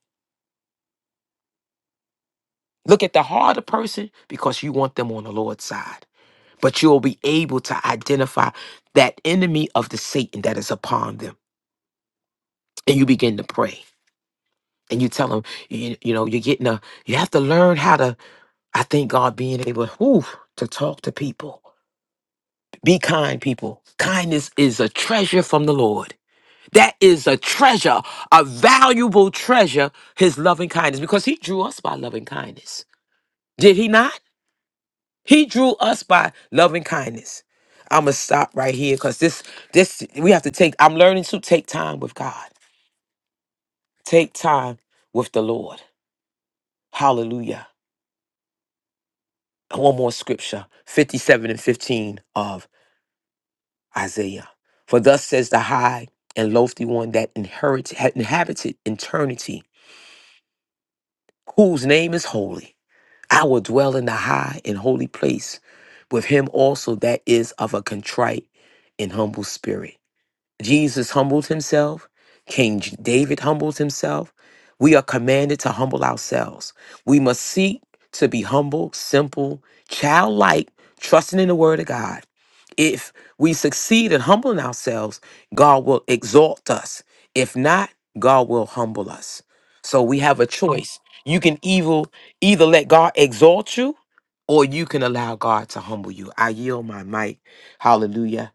Speaker 1: Look at the heart harder person because you want them on the Lord's side. But you'll be able to identify that enemy of the Satan that is upon them. And you begin to pray. And you tell them, you, you know, you're getting a, you have to learn how to, I think God being able whew, to talk to people. Be kind, people. Kindness is a treasure from the Lord. That is a treasure, a valuable treasure, his loving kindness, because he drew us by loving kindness. Did he not? He drew us by loving kindness. I'm gonna stop right here because this, this, we have to take, I'm learning to take time with God, take time with the Lord. Hallelujah. And One more scripture 57 and 15 of Isaiah. For thus says the high and lofty one that inherit, had inhabited eternity, whose name is holy. I will dwell in the high and holy place with him also that is of a contrite and humble spirit Jesus humbled himself. King J- David humbled himself. We are commanded to humble ourselves. We must seek to be humble, simple, childlike, trusting in the word of God. If we succeed in humbling ourselves, God will exalt us. If not, God will humble us. So we have a choice. You can evil either let God exalt you or you can allow God to humble you. I yield my mic. Hallelujah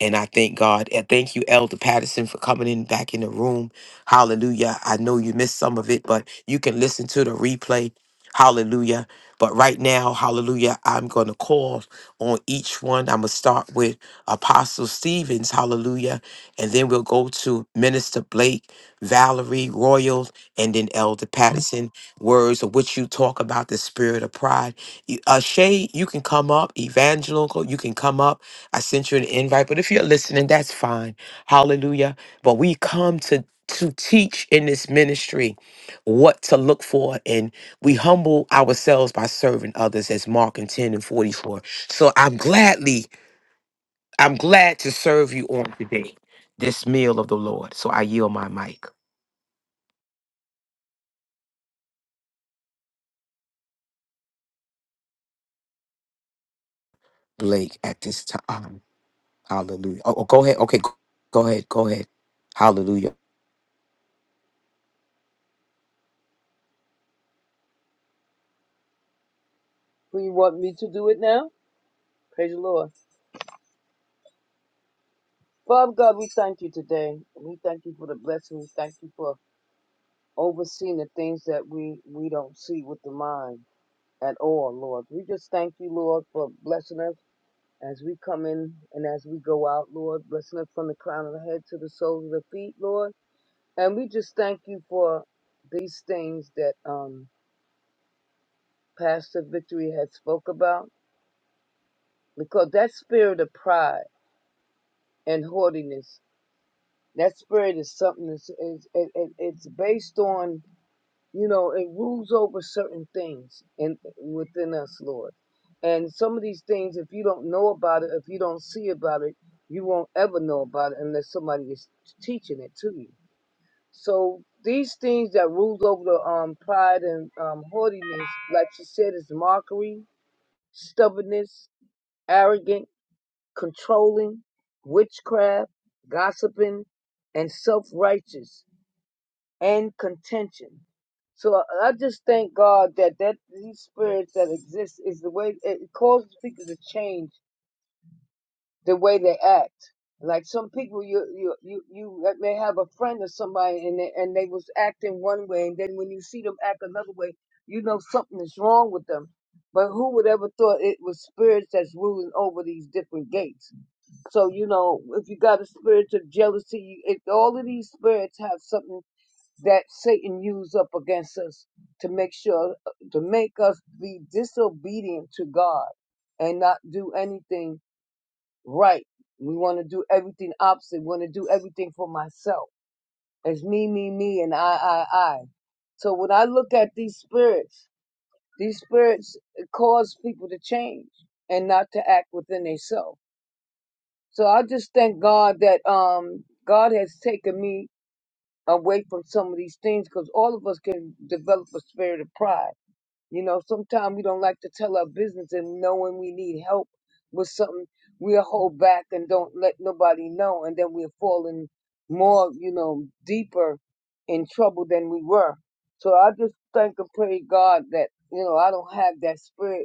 Speaker 1: and I thank God. And thank you, Elder Patterson, for coming in back in the room. Hallelujah. I know you missed some of it, but you can listen to the replay. Hallelujah. But right now, hallelujah, I'm going to call on each one. I'm going to start with Apostle Stevens, hallelujah. And then we'll go to Minister Blake, Valerie, Royal, and then Elder Patterson. Words of which you talk about the spirit of pride. You- Uh, Shay, you can come up. Evangelical, you can come up. I sent you an invite, but if you're listening, that's fine. Hallelujah. But we come to to teach in this ministry what to look for and we humble ourselves by serving others as Mark and 10 and 44. So I'm gladly, I'm glad to serve you on today, this meal of the Lord. So I yield my mic. Blake at this time. Hallelujah. Oh, oh, go ahead. Okay, go go ahead. Go ahead. Hallelujah.
Speaker 3: Do you want me to do it now? Praise the Lord. Father God, we thank you today. We thank you for the blessing. We thank you for overseeing the things that we, we don't see with the mind at all, Lord. We just thank you, Lord, for blessing us as we come in and as we go out, Lord. Blessing us from the crown of the head to the soles of the feet, Lord. And we just thank you for these things that um, Pastor Victory had spoke about because that spirit of pride and haughtiness That spirit is something that's it's, it, it, it's based on, you know, it rules over certain things in within us, Lord. And some of these things, if you don't know about it, if you don't see about it, you won't ever know about it unless somebody is teaching it to you. So these things that rules over the um, pride and um, haughtiness, like you said, is mockery, stubbornness, arrogant, controlling, witchcraft, gossiping, and self righteous and contention. So I I just thank God that, that these spirits that exist is the way it causes people to change the way they act. Like some people, you you you you may have a friend or somebody, and they, and they was acting one way, and then when you see them act another way, you know something is wrong with them. But who would ever thought it was spirits that's ruling over these different gates? So you know, if you got a spirit of jealousy, it, all of these spirits have something that Satan used up against us to make sure to make us be disobedient to God and not do anything right. We want to do everything opposite. We want to do everything for myself. It's me, me, me, and I, I, I. So when I look at these spirits, these spirits cause people to change and not to act within themselves. So I just thank God that um God has taken me away from some of these things because all of us can develop a spirit of pride. You know, sometimes we don't like to tell our business and knowing we need help with something, we'll hold back and don't let nobody know. And then we're falling more, you know, deeper in trouble than we were. So I just thank and pray God that, you know, I don't have that spirit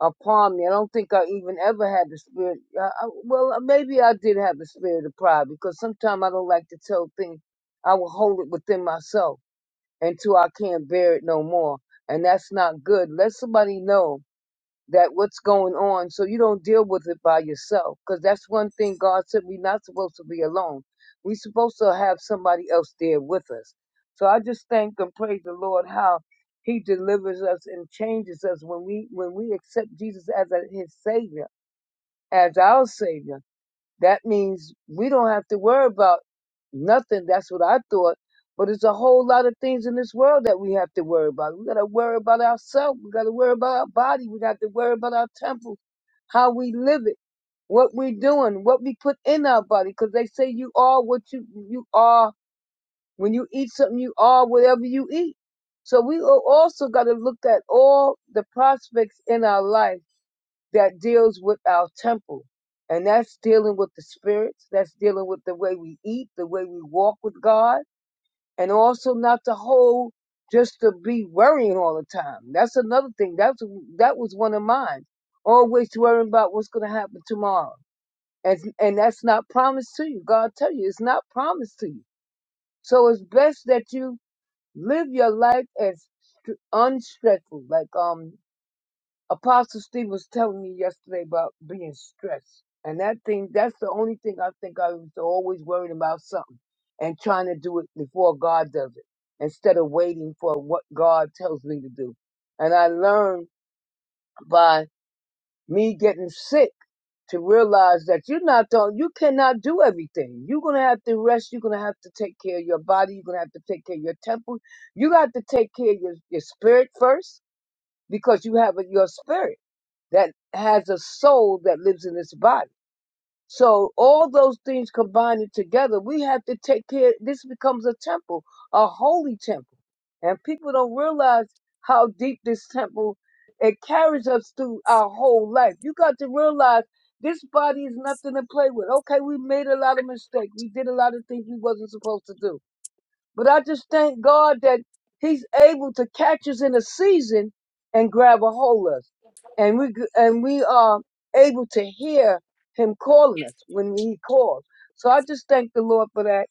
Speaker 3: upon me. I don't think I even ever had the spirit. I, I, well, uh, maybe I did have the spirit of pride because sometimes I don't like to tell things. I will hold it within myself until I can't bear it no more, and that's not good. Let somebody know that what's going on so you don't deal with it by yourself because that's one thing god said we're not supposed to be alone we're supposed to have somebody else there with us so i just thank and praise the lord how he delivers us and changes us when we when we accept jesus as a, his savior as our savior that means we don't have to worry about nothing. That's what I thought. But it's a whole lot of things in this world that we have to worry about. We got to worry about ourselves. We got to worry about our body. We got to worry about our temple, how we live it, what we doing, what we put in our body. Because they say you are what you you are when you eat something. You are whatever you eat. So we al- also got to look at all the prospects in our life that deals with our temple. And that's dealing with the spirits. That's dealing with the way we eat, the way we walk with God, and also not to hold just to be worrying all the time. That's another thing. That's that was one of mine. Always worrying about what's going to happen tomorrow, and and that's not promised to you. God tell you it's not promised to you. So it's best that you live your life as str- unstressful, like um Apostle Steve was telling me yesterday about being stressed. And that thing, that's the only thing I think I was always worried about something and trying to do it before God does it instead of waiting for what God tells me to do. And I learned by me getting sick to realize that you're not the, you cannot do everything. You're going to have to rest. You're going to have to take care of your body. You're going to have to take care of your temple. You got to take care of your, your spirit first because you have a, your spirit that has a soul that lives in this body. So all those things combining together, we have to take care. This becomes a temple, a holy temple. And people don't realize how deep this temple, it carries us through our whole life. You got to realize this body is nothing to play with. Okay, we made a lot of mistakes. We did a lot of things we wasn't supposed to do but I just thank God that He's able to catch us in a season and grab a hold of us, and we g- and we are able to hear Him calling us when He calls. So I just thank the Lord for that.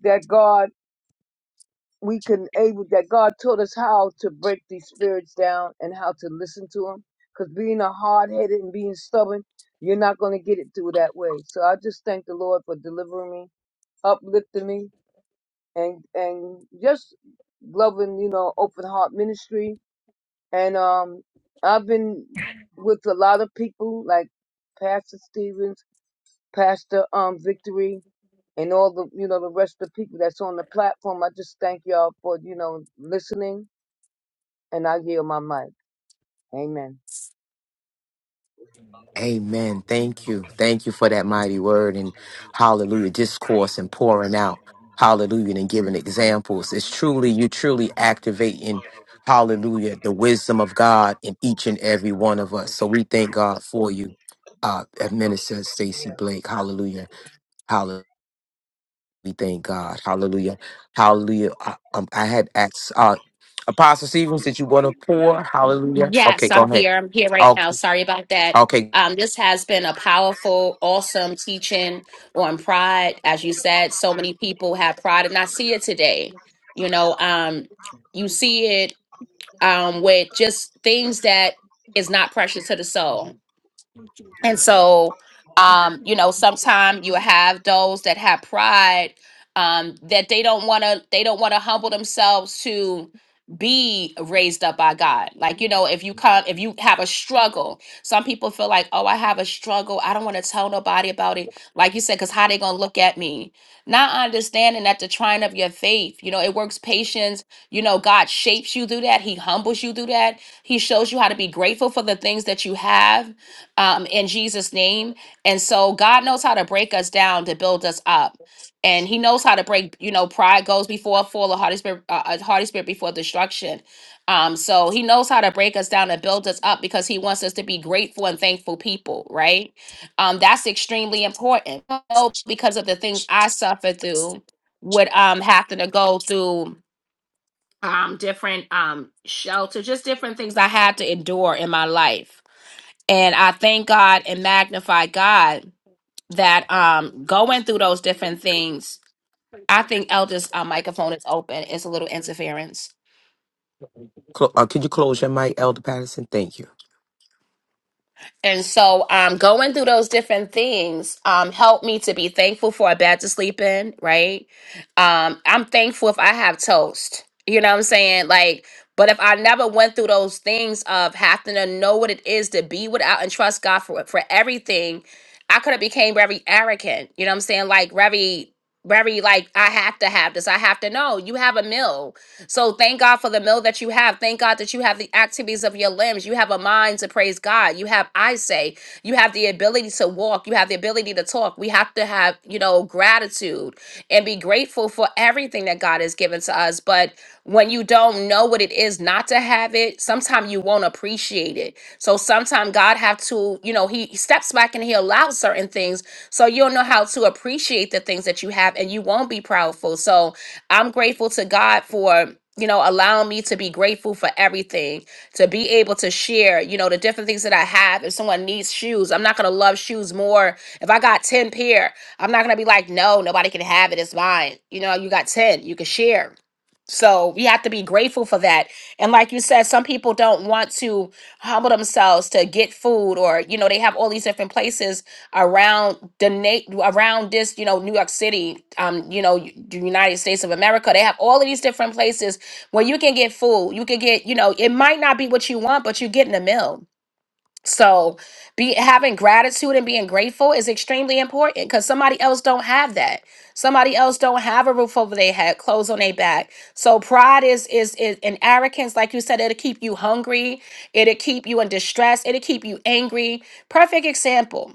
Speaker 3: That God we can able that God taught us how to break these spirits down and how to listen to Him. Because being a hard headed and being stubborn, you're not going to get it through that way. So I just thank the Lord for delivering me, uplifting me, and and just loving you know open heart ministry and um i've been with a lot of people like pastor stevens pastor um victory and all the you know the rest of the people that's on the platform i just thank y'all for you know listening and i yield my mic amen
Speaker 1: Amen. Thank you. Thank you for that mighty word and hallelujah discourse and pouring out. Hallelujah and giving examples. It's truly, you truly activating, hallelujah, the wisdom of God in each and every one of us. So we thank God for you, uh, Minister Stacy Blake. Hallelujah. Hallelujah. We thank God. Hallelujah. Hallelujah. I, um, I had asked, uh, Apostle Stevens, did you want to pour? Hallelujah. Okay,
Speaker 2: Yes,
Speaker 1: go
Speaker 2: I'm
Speaker 1: ahead.
Speaker 2: here. I'm here right now.
Speaker 1: Okay.
Speaker 2: Sorry about that.
Speaker 1: Okay.
Speaker 2: Um, this has been a powerful, awesome teaching on pride. As you said, so many people have pride, and I see it today. You know, um, you see it um, with just things that is not precious to the soul
Speaker 3: Mm-hmm.
Speaker 2: and so, um, you know, sometimes you have those that have pride um, that they don't want to they don't want to humble themselves to be raised up by God. Like, you know, if you come if you have a struggle, some people feel like, "Oh, I have a struggle. I don't want to tell nobody about it." Like you said cuz how they going to look at me? Not understanding that the trying of your faith, you know, it works patience. You know, God shapes you through that. He humbles you through that. He shows you how to be grateful for the things that you have um, in Jesus' name. And so God knows how to break us down to build us up. And he knows how to break, you know, pride goes before a fall, a haughty spirit, uh, a haughty spirit before destruction. Um, so he knows how to break us down and build us up because he wants us to be grateful and thankful people, right? Um, that's extremely important. I know Because of the things I suffered through, with um having to go through um different um shelter, just different things I had to endure in my life and I thank God and magnify God that um going through those different things. I think Elder's uh, microphone is open. It's a little interference.
Speaker 1: Cl- uh, could you close your mic, Elder Patterson? Thank you.
Speaker 2: And so, um, going through those different things um, helped me to be thankful for a bed to sleep in, right? Um, I'm thankful if I have toast. You know what I'm saying? Like, but if I never went through those things of having to know what it is to be without and trust God for for everything, I could have became very arrogant. You know what I'm saying? Like very, very like I have to have this. I have to know. You have a meal so thank God for the meal that you have. Thank God that you have the activities of your limbs. You have a mind to praise God. You have I say. You have the ability to walk. You have the ability to talk. We have to have, you know, gratitude and be grateful for everything that God has given to us. But when you don't know what it is not to have it, sometimes you won't appreciate it. So sometimes God have to, you know, He he steps back and He allows certain things so you'll know how to appreciate the things that you have and you won't be proudful. So I'm grateful to God for you know, allowing me to be grateful for everything, to be able to share, you know, the different things that I have. If someone needs shoes, I'm not gonna love shoes more. If I got 10 pair, I'm not gonna be like, no, nobody can have it, it's mine. You know, you got 10, you can share. So we have to be grateful for that. And like you said, some people don't want to humble themselves to get food or, you know, they have all these different places around the na- around this, you know, New York City, um, you know, y- the United States of America. They have all of these different places where you can get food. You can get, you know, it might not be what you want, but you get in a meal so, be having gratitude and being grateful is extremely important cuz somebody else don't have that. Somebody else don't have a roof over their head, clothes on their back. So pride is is, is and arrogance like you said it'll keep you hungry, it'll keep you in distress, it'll keep you angry. Perfect example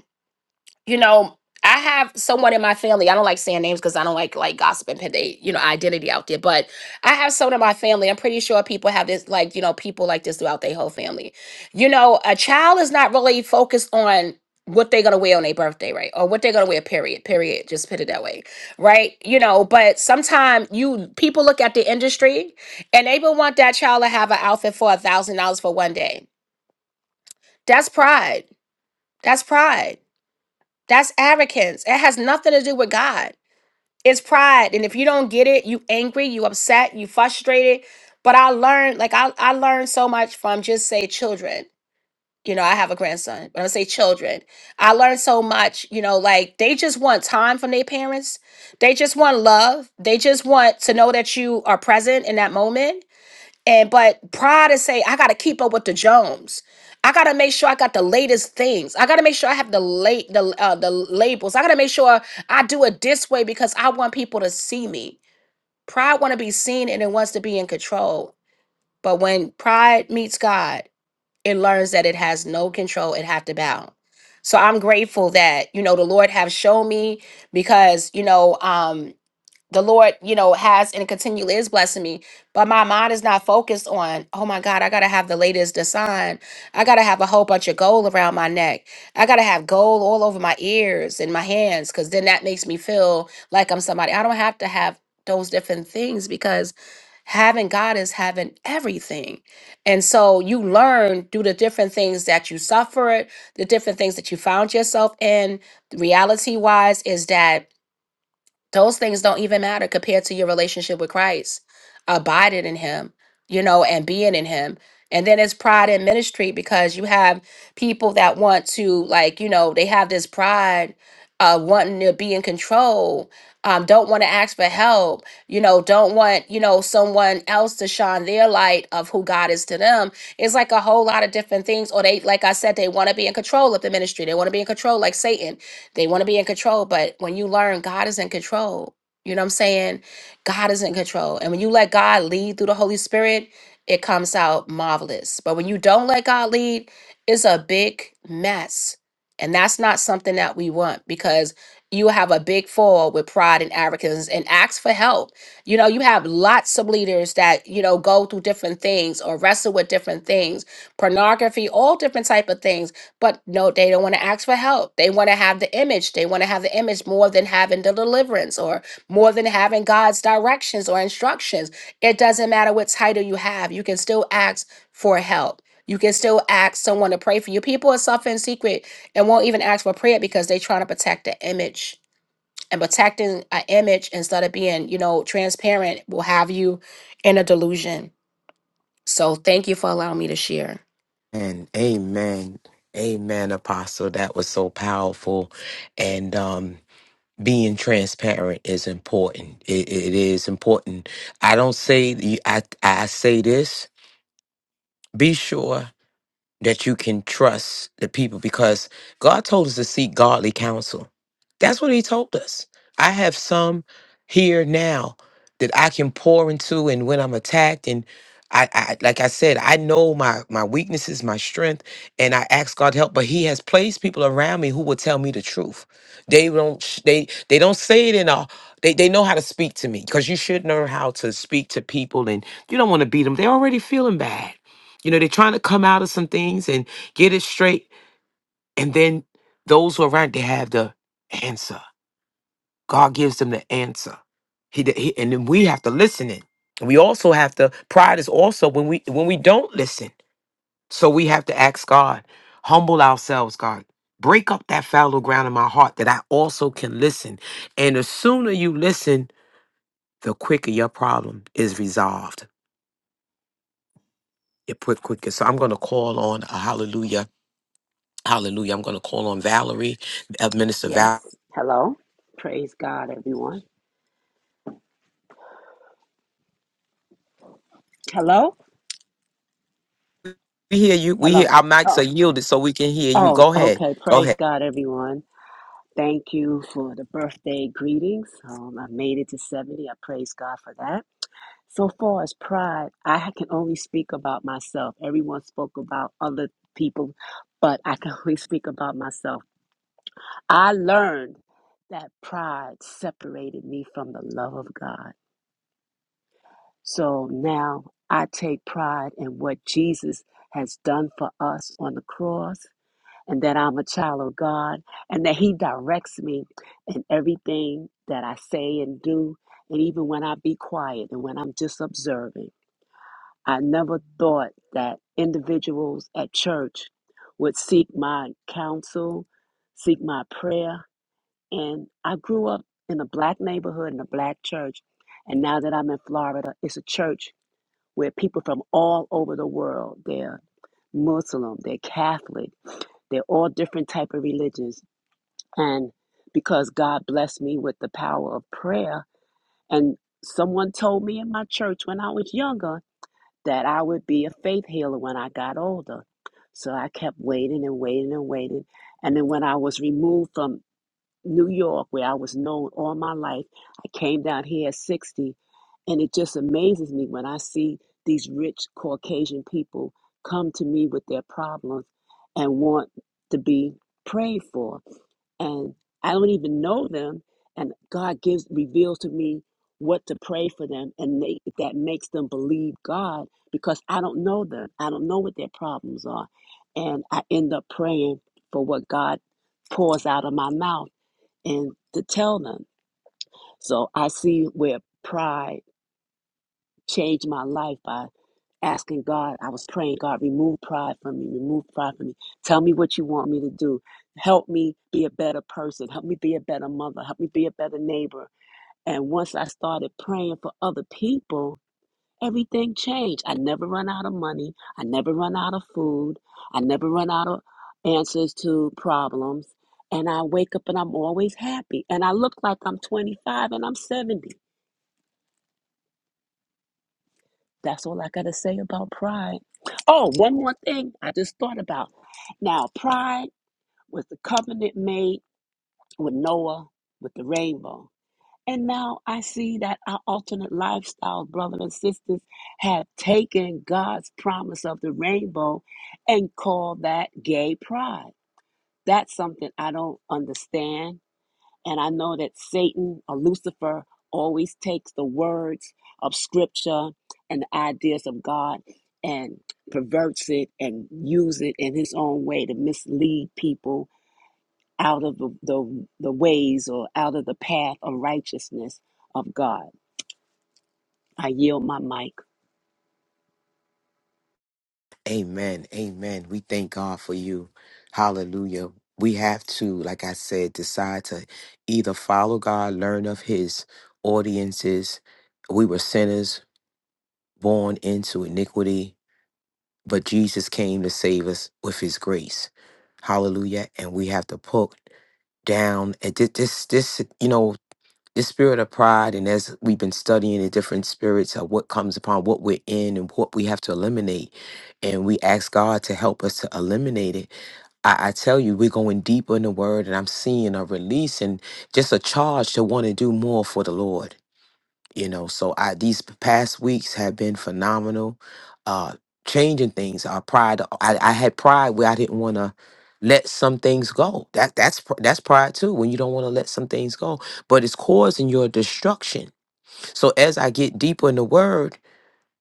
Speaker 2: you know, I have someone in my family. I don't like saying names because I don't like like gossip and put they, you know, identity out there. But I have someone in my family. I'm pretty sure people have this, like, you know, people like this throughout their whole family. You know, a child is not really focused on what they're gonna wear on their birthday, right? Or what they're gonna wear, period. Period. Just put it that way. Right? You know, but sometimes you people look at the industry and they will want that child to have an outfit for a thousand dollars for one day. That's pride. That's pride that's arrogance. It has nothing to do with God. It's pride. And if you don't get it, you angry, you upset, you frustrated. But I learned, like I, I learned so much from just say children. You know, I have a grandson, but I say children. I learned so much, you know, like they just want time from their parents. They just want love. They just want to know that you are present in that moment and but pride is say, I gotta keep up with the Jones. I gotta make sure I got the latest things. I gotta make sure I have the late the uh, the labels. I gotta make sure I do it this way because I want people to see me. Pride want to be seen and it wants to be in control. But when pride meets God, it learns that it has no control. It have to bow. So I'm grateful that you know the Lord have shown me because you know um the Lord, you know, has and continually is blessing me. But my mind is not focused on, oh my God, I gotta have the latest design. I gotta have a whole bunch of gold around my neck. I gotta have gold all over my ears and my hands, because then that makes me feel like I'm somebody. I don't have to have those different things because having God is having everything. And so you learn through the different things that you suffered, the different things that you found yourself in. Reality wise, is that those things don't even matter compared to your relationship with Christ. Abiding in him, you know, and being in him. And then it's pride in ministry because you have people that want to, like, you know, they have this pride of wanting to be in control, um, don't want to ask for help, you know, don't want, you know, someone else to shine their light of who God is to them. It's like a whole lot of different things. Or they, like I said, they want to be in control of the ministry. They want to be in control, like Satan they want to be in control, but when you learn God is in control, you know what I'm saying? God is in control. And when you let God lead through the Holy Spirit, it comes out marvelous. But when you don't let God lead, it's a big mess. And that's not something that we want because you have a big fall with pride and arrogance and ask for help. You know, you have lots of leaders that, you know, go through different things or wrestle with different things, pornography, all different type of things but no, they don't want to ask for help. They want to have the image. They want to have the image more than having the deliverance or more than having God's directions or instructions. It doesn't matter what title you have, you can still ask for help. You can still ask someone to pray for you. People are suffering secret and won't even ask for prayer because they're trying to protect the image. And protecting an image instead of being, you know, transparent will have you in a delusion. So thank you for allowing me to share.
Speaker 1: And amen. Amen, Apostle. That was so powerful. And um, being transparent is important. It, it is important. I don't say, I, I say this. Be sure. that you can trust the people because God told us to seek godly counsel. That's what He told us. I have some here now that I can pour into, and when I'm attacked, and I, I like I said, I know my my weaknesses, my strength, and I ask God help. But He has placed people around me who will tell me the truth. They don't sh- they they don't say it in a they, they know how to speak to me because you should know how to speak to people, and you don't want to beat them. They're already feeling bad you know, they're trying to come out of some things and get it straight. And then those who are right they have the answer. God gives them the answer. He, he and then we have to listen in. And we also have to pride is also when we when we don't listen. So we have to ask God, humble ourselves, God. Break up that fallow ground in my heart that I also can listen. And the sooner you listen, the quicker your problem is resolved. It put quicker. So I'm gonna call on a hallelujah Hallelujah. I'm going to call on Valerie, uh, Minister
Speaker 4: Yes.
Speaker 1: Valerie.
Speaker 4: Hello. Praise God, everyone. Hello.
Speaker 1: We hear you. We
Speaker 4: Hello.
Speaker 1: hear our mics are
Speaker 4: Oh,
Speaker 1: yielded so we can hear you.
Speaker 4: oh,
Speaker 1: Go ahead.
Speaker 4: okay.
Speaker 1: Go
Speaker 4: Praise
Speaker 1: ahead.
Speaker 4: God, everyone. Thank you for the birthday greetings. Um, I made it to 70. I praise God for that. So far as pride, I can only speak about myself. Everyone spoke about other people, but I can only speak about myself. I learned that pride separated me from the love of God. So now I take pride in what Jesus has done for us on the cross, and that I'm a child of God, and that He directs me in everything that I say and do, and even when I be quiet and when I'm just observing. I never thought that individuals at church would seek my counsel, seek my prayer. And I grew up in a black neighborhood, in a black church. And now that I'm in Florida, it's a church where people from all over the world, they're Muslim, they're Catholic, they're all different type of religions. And because God blessed me with the power of prayer, and someone told me in my church when I was younger that I would be a faith healer when I got older. So I kept waiting and waiting and waiting. And then when I was removed from New York, where I was known all my life. I came down here at 60, and it just amazes me when I see these rich Caucasian people come to me with their problems and want to be prayed for. And I don't even know them, and God gives reveals to me what to pray for them, and they, that makes them believe God because I don't know them. I don't know what their problems are, and I end up praying for what God pours out of my mouth and to tell them. So I see where pride changed my life by asking God. I was praying, God, remove pride from me, remove pride from me. Tell me what you want me to do. Help me be a better person. Help me be a better mother. Help me be a better neighbor. And once I started praying for other people, everything changed. I never run out of money. I never run out of food. I never run out of answers to problems. And I wake up and I'm always happy. And I look like I'm 25 and I'm 70. That's all I got to say about pride. Oh, one more thing I just thought about. Now, pride was the covenant made with Noah with the rainbow. And now I see that our alternate lifestyles, brothers and sisters, have taken God's promise of the rainbow and called that gay pride. That's something I don't understand. And I know that Satan or Lucifer always takes the words of scripture and the ideas of God and perverts it and use it in his own way to mislead people out of the, the, the ways or out of the path of righteousness of God. I yield my mic.
Speaker 1: Amen. Amen. We thank God for you. Hallelujah. We have to, like I said, decide to either follow God, learn of his audiences. We were sinners born into iniquity, but Jesus came to save us with his grace. Hallelujah. And we have to put down and thi- this this you know the spirit of pride and as we've been studying the different spirits of what comes upon what we're in and what we have to eliminate and we ask god to help us to eliminate it i, I tell you we're going deeper in the word and i'm seeing a release and just a charge to want to do more for the lord you know so i these past weeks have been phenomenal uh changing things Our pride uh, i, I had pride where i didn't want to let some things go that that's pr- that's pride too when you don't want to let some things go but it's causing your destruction so as i get deeper in the word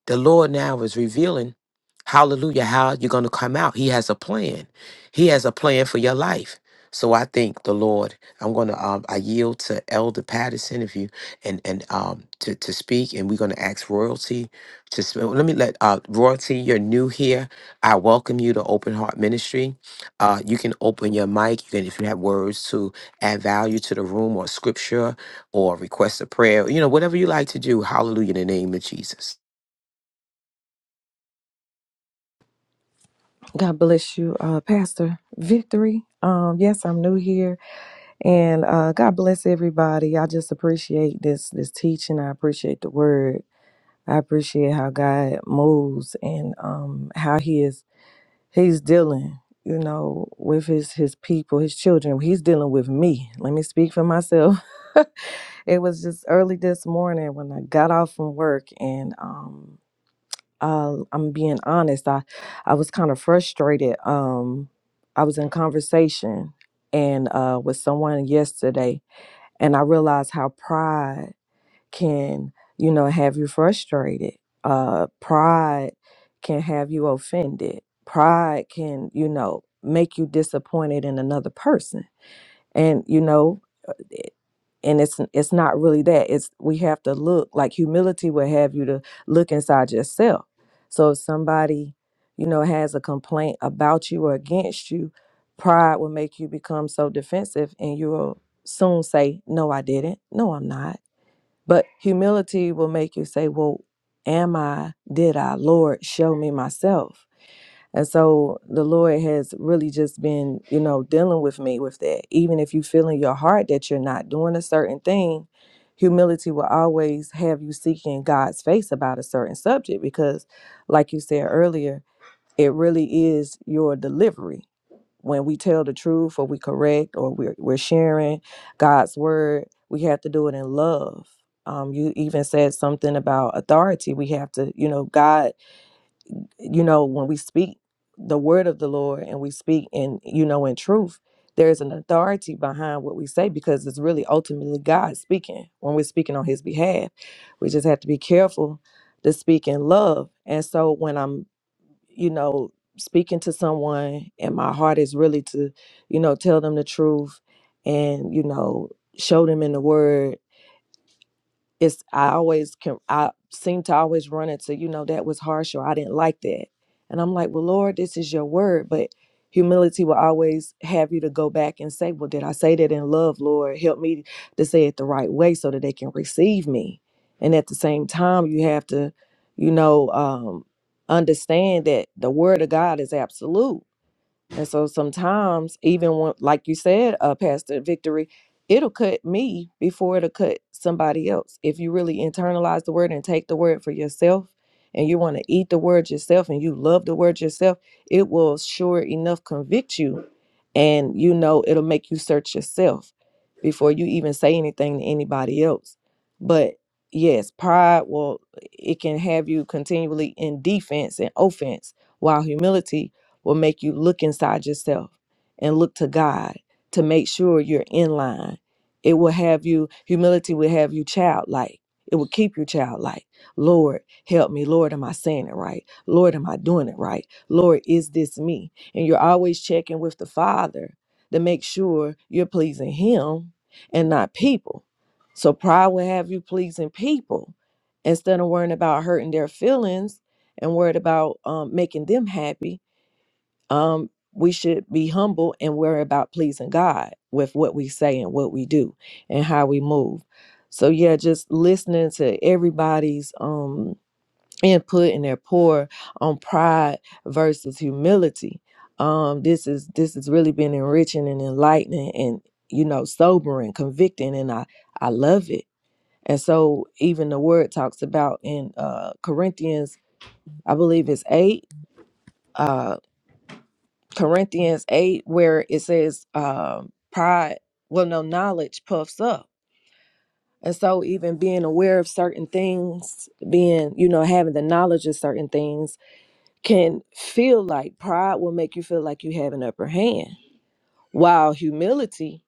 Speaker 1: the Lord now is revealing, hallelujah, how you're going to come out. He has a plan. He has a plan for your life. So I think the Lord, I'm going to, um, I yield to Elder Patterson if you, and, and, um, to, to speak, and we're going to ask royalty to, sp- well, let me let, uh, royalty, you're new here. I welcome you to Open Heart Ministry. Uh, you can open your mic. You can, if you have words to add value to the room or scripture or request a prayer, you know, whatever you like to do. Hallelujah in the name of Jesus.
Speaker 5: God bless you, uh, Pastor Victory. Um, yes, I'm new here, and uh, God bless everybody. I just appreciate this this teaching. I appreciate the word. I appreciate how God moves and um, how He is He's dealing, you know, with His His people, His children. He's dealing with me. Let me speak for myself. it was just early this morning when I got off from work, and um, um, I'm being honest. I, I was kind of frustrated. Um, I was in conversation and uh, with someone yesterday, and I realized how pride can, you know, have you frustrated. Uh, pride can have you offended. Pride can, you know, make you disappointed in another person. And you know, and it's it's not really that it's we have to look like humility will have you to look inside yourself so if somebody you know has a complaint about you or against you pride will make you become so defensive and you will soon say no i didn't no i'm not but humility will make you say well am i did i lord show me myself and so the Lord has really just been, you know, dealing with me with that. Even if you feel in your heart that you're not doing a certain thing, humility will always have you seeking God's face about a certain subject because, like you said earlier, it really is your delivery. When we tell the truth or we correct or we're, we're sharing God's word, we have to do it in love. Um, you even said something about authority. We have to, you know, God you know, when we speak the word of the Lord and we speak in, you know, in truth, there is an authority behind what we say because it's really ultimately God speaking when we're speaking on his behalf. We just have to be careful to speak in love. And so when I'm, you know, speaking to someone and my heart is really to, you know, tell them the truth and, you know, show them in the word it's I always can I seem to always run into, you know, that was harsh or I didn't like that. And I'm like, well, Lord, this is your word, but humility will always have you to go back and say, well, did I say that in love, Lord? Help me to say it the right way so that they can receive me. And at the same time, you have to, you know, um, understand that the word of God is absolute and so sometimes, even when, like you said, uh, Pastor Victory, it'll cut me before it'll cut somebody else. If you really internalize the word and take the word for yourself, and you want to eat the word yourself and you love the word yourself, it will sure enough convict you. And you know, it'll make you search yourself before you even say anything to anybody else. But yes, pride will, it can have you continually in defense and offense, while humility will make you look inside yourself and look to God to make sure you're in line. It will have you, humility will have you childlike. It will keep you childlike. Lord, help me. Lord, am I saying it right? Lord, am I doing it right? Lord, is this me? And you're always checking with the Father to make sure you're pleasing Him and not people. So pride will have you pleasing people instead of worrying about hurting their feelings and worried about um, making them happy um, we should be humble and worry about pleasing God with what we say and what we do and how we move. So yeah, just listening to everybody's um input and their pour on pride versus humility. Um, this is this has really been enriching and enlightening and you know sobering, convicting, and I I love it. And so even the word talks about in uh Corinthians, I believe it's eight. uh, Corinthians 8, where it says, um, pride, well, no, knowledge puffs up. And so, even being aware of certain things, being, you know, having the knowledge of certain things can feel like pride will make you feel like you have an upper hand. While humility,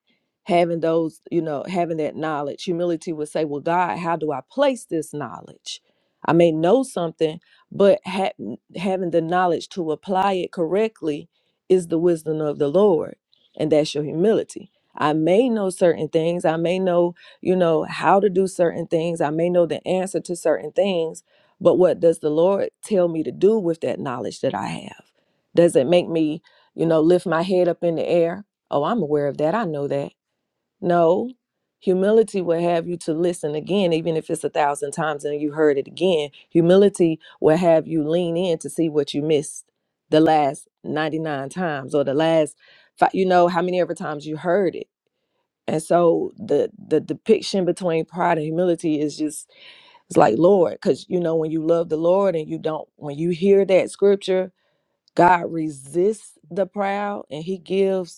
Speaker 5: having those, you know, having that knowledge, humility would say, Well, God, how do I place this knowledge? I may know something, but ha- having the knowledge to apply it correctly is the wisdom of the Lord, and that's your humility. I may know certain things. I may know, you know, how to do certain things. I may know the answer to certain things, but what does the Lord tell me to do with that knowledge that I have? Does it make me, you know, lift my head up in the air? Oh, I'm aware of that. I know that. No, humility will have you to listen again, even if it's a thousand times and you heard it again. Humility will have you lean in to see what you missed the last 99 times or the last five, you know, how many ever times you heard it. And so the the depiction between pride and humility is just it's like Lord, because you know when you love the Lord and you don't when you hear that scripture, God resists the proud and He gives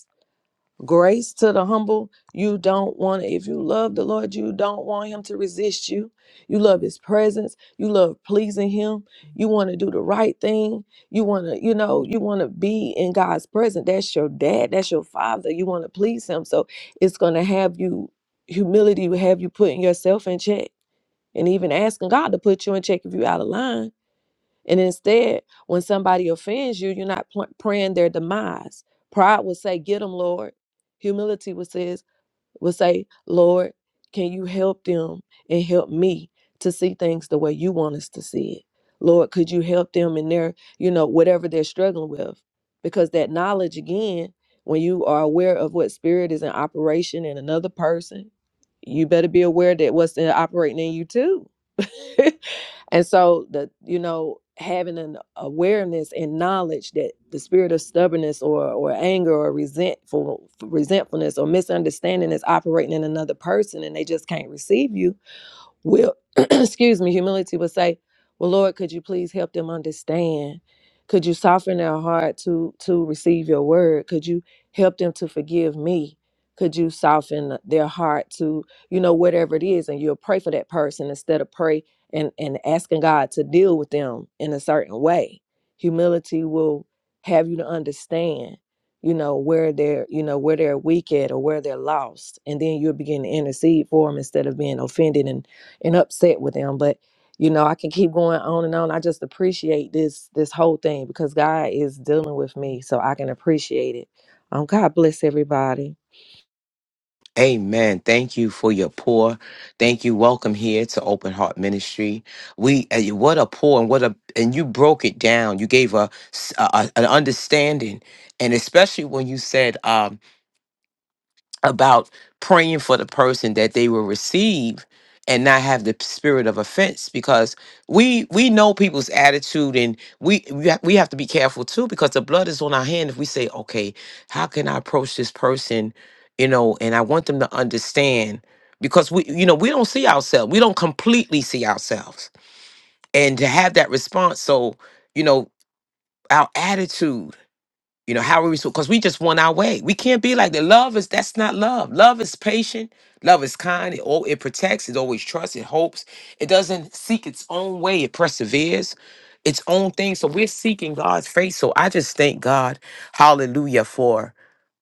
Speaker 5: Grace to the humble. You don't want to, if you love the Lord, you don't want him to resist you. You love his presence. You love pleasing him. You want to do the right thing. You want to, you know, you want to be in God's presence. That's your dad. That's your father. You want to please him. So it's going to have you, humility will have you putting yourself in check and even asking God to put you in check if you're out of line and instead, when somebody offends you, you're not pl- praying their demise. Pride will say, "Get them, Lord." Humility will says will say, "Lord, can you help them and help me to see things the way you want us to see it? Lord, could you help them in their, you know, whatever they're struggling with?" Because that knowledge again, when you are aware of what spirit is in operation in another person, you better be aware that what's in- operating in you too. And so the you know having an awareness and knowledge that the spirit of stubbornness or or anger or resentful resentfulness or misunderstanding is operating in another person and they just can't receive you will excuse me humility will say well lord could you please help them understand could you soften their heart to to receive your word could you help them to forgive me could you soften their heart to you know whatever it is and you'll pray for that person instead of pray and and asking god to deal with them in a certain way humility will have you to understand you know where they're you know where they're weak at or where they're lost and then you'll begin to intercede for them instead of being offended and and upset with them but you know i can keep going on and on i just appreciate this this whole thing because god is dealing with me so i can appreciate it um god bless everybody
Speaker 1: Amen. Thank you for your pour. Thank you. Welcome here to Open Heart Ministry. We uh, what a pour and what a and you broke it down. You gave a, s- a- a- an understanding, and especially when you said um, about praying for the person that they will receive and not have the spirit of offense because we we know people's attitude and we we ha- we have to be careful too because the blood is on our hand if we say okay how can i approach this person you know and i want them to understand because we you know we don't see ourselves we don't completely see ourselves and to have that response so you know our attitude you know, how are we supposed because we just want our way. We can't be like that. Love is that's not love. Love is patient, love is kind, it all it protects, it always trusts, it hopes, it doesn't seek its own way, it perseveres its own thing. So we're seeking God's face. So I just thank God, hallelujah, for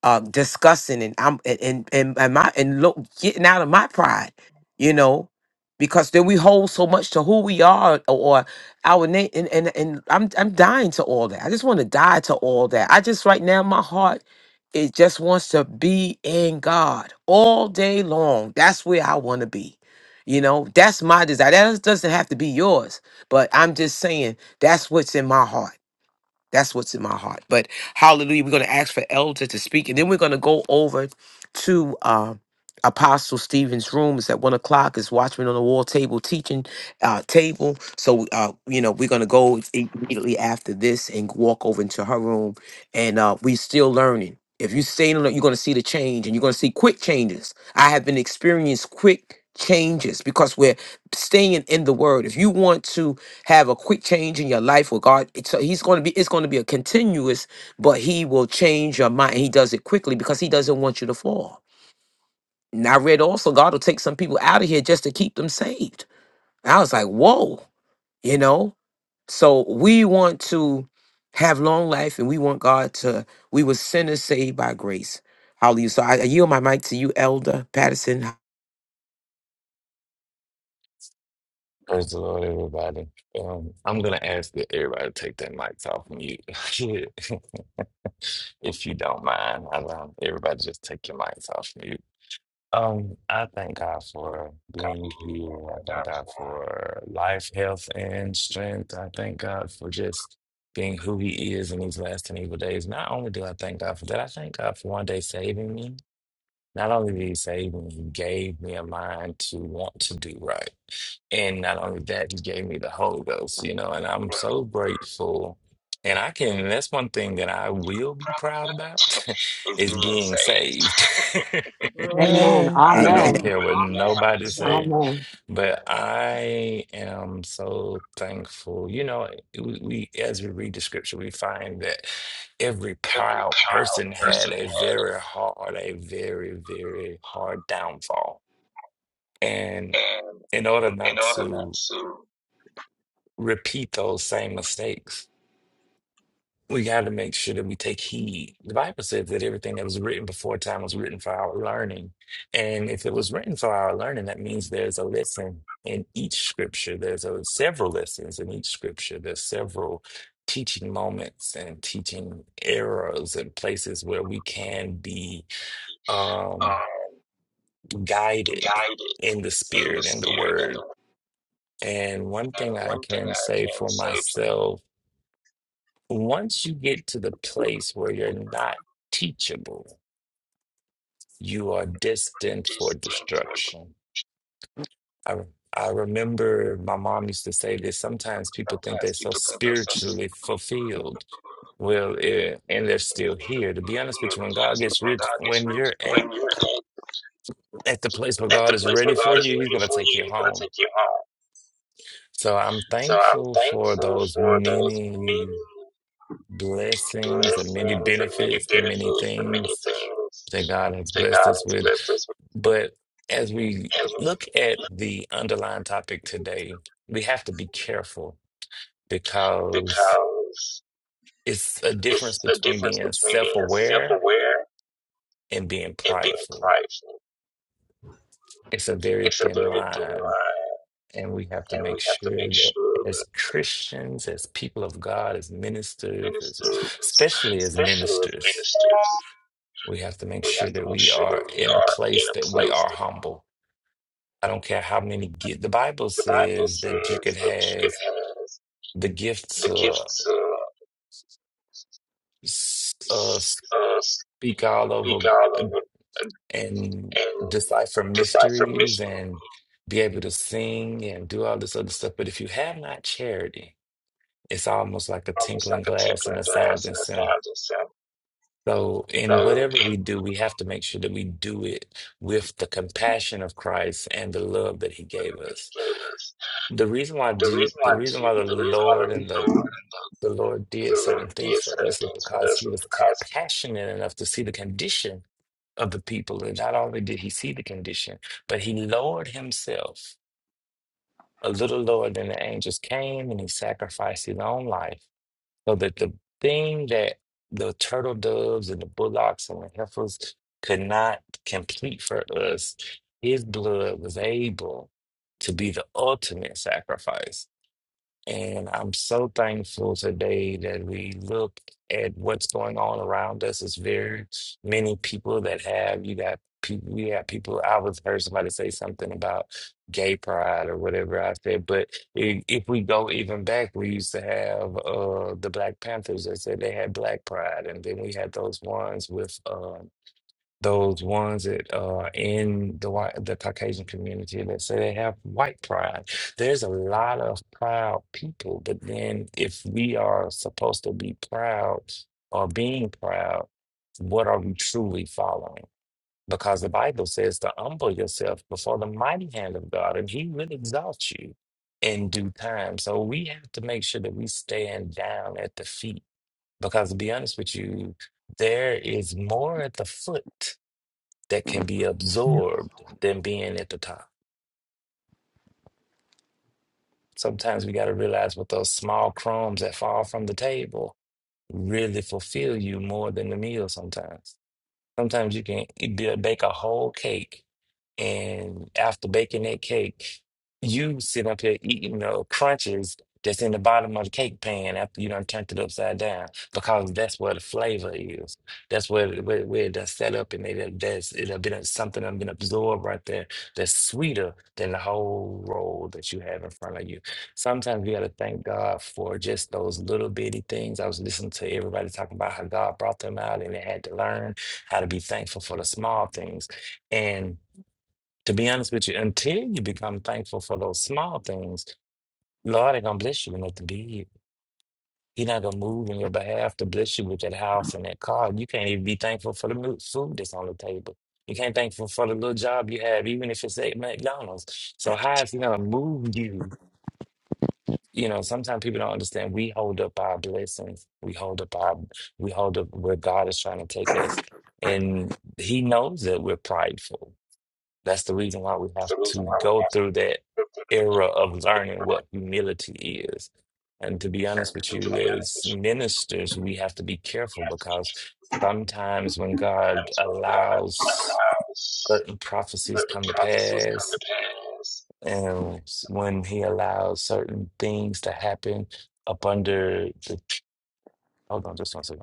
Speaker 1: uh discussing and I'm and and, and and my and look getting out of my pride, you know, because then we hold so much to who we are or. Our name and, and and I'm I'm dying to all that. I just want to die to all that. I just right now my heart it just wants to be in God all day long. That's where I want to be. You know, that's my desire. That doesn't have to be yours, but I'm just saying that's what's in my heart. That's what's in my heart. But hallelujah, we're going to ask for elder to speak, and then we're going to go over to uh, Apostle Stephen's room. It's at one o'clock. It's Watchman on the Wall table teaching uh, table. So uh, you know we're going to go immediately after this and walk over into her room, and uh, we're still learning. If you stay in, it, you're going to see the change, and you're going to see quick changes. I have been experiencing quick changes because we're staying in the Word. If you want to have a quick change in your life with God. It's- So he's going to be, it's going to be a continuous, but he will change your mind. He does it quickly because he doesn't want you to fall. And I read also God will take some people out of here just to keep them saved. I was like, whoa, you know? So we want to have long life and we want God to, we were sinners saved by grace. Hallelujah. So I, I yield my mic to you, Elder Patterson.
Speaker 6: Praise the Lord, everybody. Um, I'm gonna ask that everybody take their mics off mute, if you don't mind. I um, everybody just take your mics off mute. Um, I thank God for being here. I thank God for life, health, and strength. I thank God for just being who He is in these last and evil days. Not only do I thank God for that, I thank God for one day saving me. Not only did he save me, he gave me a mind to want to do right. And not only that, he gave me the Holy Ghost, you know, and I'm so grateful. And I can, that's one thing that I will be proud about
Speaker 3: is
Speaker 6: is
Speaker 3: being
Speaker 6: being
Speaker 3: saved.
Speaker 6: saved.
Speaker 3: Right.
Speaker 4: Amen.
Speaker 5: Amen.
Speaker 3: I
Speaker 6: I
Speaker 3: know God
Speaker 6: don't
Speaker 4: Amen.
Speaker 3: to
Speaker 1: Amen.
Speaker 6: care what nobody
Speaker 3: say
Speaker 6: say.
Speaker 4: Amen.
Speaker 6: But I am so thankful. You know, we, we as we read the scripture, we find that every
Speaker 3: every
Speaker 6: proud
Speaker 3: child
Speaker 6: person had
Speaker 3: person
Speaker 6: a very hard, a very, very hard downfall. And
Speaker 3: had it. And
Speaker 6: in order
Speaker 3: in
Speaker 6: not
Speaker 3: order not
Speaker 6: to
Speaker 3: to
Speaker 6: repeat those same mistakes, we got to make sure that we take heed. The Bible says that everything that was written before time was written for our learning. And if it was written for our learning, that means there's a lesson in each scripture. There's a, several lessons in each scripture. There's several teaching moments and teaching errors and places where we can be um,
Speaker 3: uh,
Speaker 6: guided
Speaker 3: guide it
Speaker 6: in the
Speaker 3: in the
Speaker 6: spirit and the
Speaker 3: spirit and
Speaker 6: word.
Speaker 3: the
Speaker 6: And one thing
Speaker 3: and
Speaker 6: I
Speaker 3: one thing
Speaker 6: can
Speaker 3: I
Speaker 6: say
Speaker 3: can
Speaker 6: for
Speaker 3: say for
Speaker 6: myself once you get to the place where you're not teachable, you are destined for
Speaker 3: distant for
Speaker 6: destruction. I, I remember my mom used to say this sometimes people think they're
Speaker 3: sometimes
Speaker 6: so
Speaker 3: people think they're such
Speaker 6: spiritually fulfilled. Well, eh, and they're still here. To be
Speaker 3: to be
Speaker 6: honest with
Speaker 3: here,
Speaker 6: you,
Speaker 3: to
Speaker 6: when
Speaker 3: be
Speaker 6: God
Speaker 3: honest with
Speaker 6: gets
Speaker 3: you, when
Speaker 6: rich,
Speaker 3: God gets
Speaker 6: when
Speaker 3: reached,
Speaker 6: you're at,
Speaker 3: when you're
Speaker 6: at the place where
Speaker 3: at, at
Speaker 6: God
Speaker 3: the
Speaker 6: is
Speaker 3: place
Speaker 6: ready
Speaker 3: where God
Speaker 6: for
Speaker 3: is
Speaker 6: you, He's
Speaker 3: ready
Speaker 6: going to
Speaker 3: for
Speaker 6: take
Speaker 3: you,
Speaker 6: you
Speaker 3: He's going to
Speaker 6: home.
Speaker 3: take you home.
Speaker 6: So I'm
Speaker 3: So I'm
Speaker 6: thankful for
Speaker 3: thankful
Speaker 6: those
Speaker 3: for those
Speaker 6: many.
Speaker 3: many
Speaker 6: blessings, the many
Speaker 3: blessings and many
Speaker 6: benefits, the many
Speaker 3: benefits, the many
Speaker 6: things
Speaker 3: things
Speaker 6: that God has
Speaker 3: that
Speaker 6: blessed
Speaker 3: God
Speaker 6: us
Speaker 3: has
Speaker 6: with.
Speaker 3: blessed us with
Speaker 6: But as we look at the underlying topic today, we have to be careful because
Speaker 3: because
Speaker 6: it's a
Speaker 3: it's
Speaker 6: difference
Speaker 3: a
Speaker 6: between
Speaker 3: difference
Speaker 6: being
Speaker 3: between being
Speaker 6: self
Speaker 3: self
Speaker 6: aware
Speaker 3: aware
Speaker 6: and being
Speaker 3: and being
Speaker 6: prideful.
Speaker 3: prideful.
Speaker 6: It's a very
Speaker 3: It's a
Speaker 6: thin
Speaker 3: very thin
Speaker 6: line.
Speaker 3: line,
Speaker 6: And we have to
Speaker 3: and
Speaker 6: make
Speaker 3: we have to
Speaker 6: sure
Speaker 3: make
Speaker 6: that
Speaker 3: sure
Speaker 6: as
Speaker 3: that
Speaker 6: Christians, as people of God, as ministers, as,
Speaker 3: ministers,
Speaker 6: especially as
Speaker 3: especially as
Speaker 6: ministers,
Speaker 3: ministers,
Speaker 6: We have to make
Speaker 3: We have
Speaker 6: sure
Speaker 3: to
Speaker 6: that
Speaker 3: make
Speaker 6: we
Speaker 3: sure that
Speaker 6: are
Speaker 3: we
Speaker 6: in a
Speaker 3: are in
Speaker 6: place
Speaker 3: a
Speaker 6: that we
Speaker 3: place
Speaker 6: are
Speaker 3: that
Speaker 6: humble. I don't care how many gifts. The Bible
Speaker 3: the Bible
Speaker 6: says that you
Speaker 3: says
Speaker 6: could
Speaker 3: that you could
Speaker 6: have
Speaker 3: have
Speaker 6: the gift
Speaker 3: the gift
Speaker 6: to
Speaker 3: to
Speaker 6: s- uh,
Speaker 3: uh, speak
Speaker 6: speak all over
Speaker 3: all of it
Speaker 6: and decipher
Speaker 3: and decipher
Speaker 6: mysteries
Speaker 3: mystery,
Speaker 6: and be able to sing and do all this other stuff. But if you have not charity, it's almost like a
Speaker 3: almost
Speaker 6: tinkling
Speaker 3: like a
Speaker 6: glass and
Speaker 3: tinkling
Speaker 6: a
Speaker 3: glass
Speaker 6: sounding
Speaker 3: in a
Speaker 6: cymbal.
Speaker 3: sound itself.
Speaker 6: So,
Speaker 3: So
Speaker 6: in whatever
Speaker 3: it
Speaker 6: we do, we have to make sure that we do it with the compassion of Christ and the love that He gave us.
Speaker 3: gave us
Speaker 6: The reason why
Speaker 3: the
Speaker 6: Je-
Speaker 3: reason
Speaker 6: the
Speaker 3: why
Speaker 6: reason why
Speaker 3: Je-
Speaker 6: the
Speaker 3: the reason why the
Speaker 6: Lord and the,
Speaker 3: Lord and the,
Speaker 6: the Lord did
Speaker 3: the Lord
Speaker 6: certain things
Speaker 3: did
Speaker 6: for
Speaker 3: certain
Speaker 6: us is
Speaker 3: things for
Speaker 6: because
Speaker 3: us
Speaker 6: he
Speaker 3: is
Speaker 6: was
Speaker 3: because
Speaker 6: compassionate enough to see the condition of the people. And not only did he see the condition, but he lowered himself a little lower than the angels came and he sacrificed his own life so that the thing that the turtle doves and the bullocks and the heifers could not complete for us, his blood was able to be the ultimate sacrifice and I'm so thankful today that we look at what's going on around us. It's very many people that have you got people we have people I was heard somebody say something about gay pride or whatever I said, but if, if we go even back, we used to have uh the Black Panthers that said they had black pride and then we had those ones with um those ones that are in the white the Caucasian community that say they have white pride. There's a lot of proud people, but then if we are supposed to be proud or being proud, what are we truly following? Because the Bible says to humble yourself before the mighty hand of God, and He will exalt you in due time. So we have to make sure that we stand down at the feet. Because to be honest with you, there is more at the foot that can be absorbed than being at the top. Sometimes we got to realize what those small crumbs that fall from the table really fulfill you more than the meal sometimes. Sometimes you can e- be- bake a whole cake And after baking that cake, you sit up here eating the crunches that's in the bottom of the cake pan after you done turned it upside down because that's where the flavor is. That's where where, where it set up and it that's it have been something that been absorbed right there that's sweeter than the whole roll that you have in front of you. Sometimes we gotta thank God for just those little bitty things. I was listening to everybody talking about how God brought them out and they had to learn how to be thankful for the small things. And to be honest with you, until you become thankful for those small things, Lord ain't gonna bless you enough to be. He not gonna move in your behalf to bless you with that house and that car. You can't even be thankful for the mo- food that's on the table. You can't thankful for the little job you have, even if it's at McDonald's. So how is he gonna move you? You know, sometimes people don't understand. We hold up our blessings. We hold up our. We hold up where God is trying to take us, and He knows that we're prideful. That's the reason why we
Speaker 3: it's
Speaker 6: have
Speaker 3: the
Speaker 6: to
Speaker 3: reason why we
Speaker 6: go
Speaker 3: have to
Speaker 6: through that
Speaker 3: do it.
Speaker 6: era of learning what humility is. And to be honest with
Speaker 3: And to
Speaker 6: you,
Speaker 3: be honest
Speaker 6: as
Speaker 3: with you,
Speaker 6: ministers, we have to be
Speaker 3: we
Speaker 6: careful
Speaker 3: have to be
Speaker 6: because sometimes when God
Speaker 3: honest with God. Like,
Speaker 6: allows
Speaker 3: wow.
Speaker 6: certain
Speaker 3: But
Speaker 6: prophecies
Speaker 3: the
Speaker 6: come to
Speaker 3: prophecies come to
Speaker 6: pass,
Speaker 3: pass.
Speaker 6: and when He allows certain things to happen up under the hold on just one second.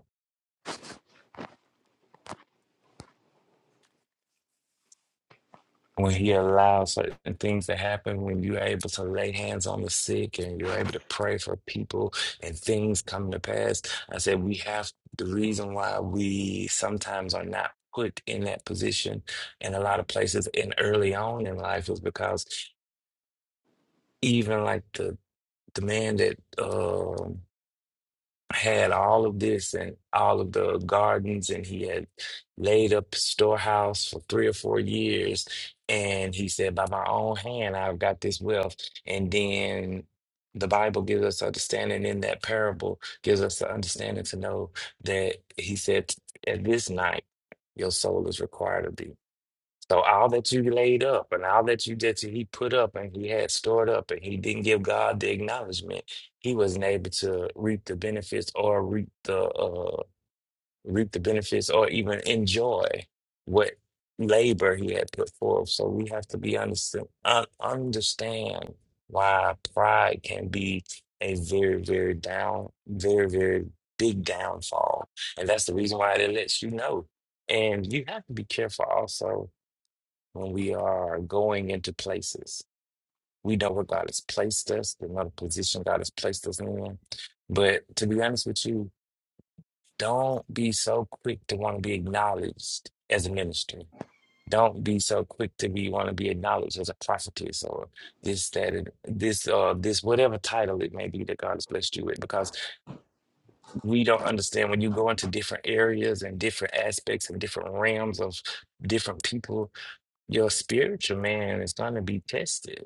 Speaker 6: when he allows certain things to happen, when you're able to lay hands on the sick and you're able to pray for people and things come to pass. I said, we have the reason why we sometimes are not put in that position in a lot of places and early on in life is because even like the the man that um, had all of this and all of the gardens, and he had laid up storehouse for three or four years. And he said, By my own hand, I've got this wealth. And then the Bible gives us understanding in that parable, gives us the understanding to know that he said, At this night, your soul is required of thee. So all that you laid up and all that you did, he put up and he had stored up and he didn't give God the acknowledgement, he wasn't able to reap the benefits or reap the uh, reap the benefits or even enjoy what labor he had put forth. So we have to be understand un- understand why pride can be a very very down very very big downfall, and that's the reason why it lets you know. And you have to be careful also when we are going into places. We know where God has placed us, we know the position God has placed us in. But to be honest with you, don't be so quick to want to be acknowledged as a minister. Don't be so quick to be want to be acknowledged as a prophetess or this, that, and this, uh, this, whatever title it may be that God has blessed you with, because we don't understand when you go into different areas and different aspects and different realms of different people, your spiritual man is going to be tested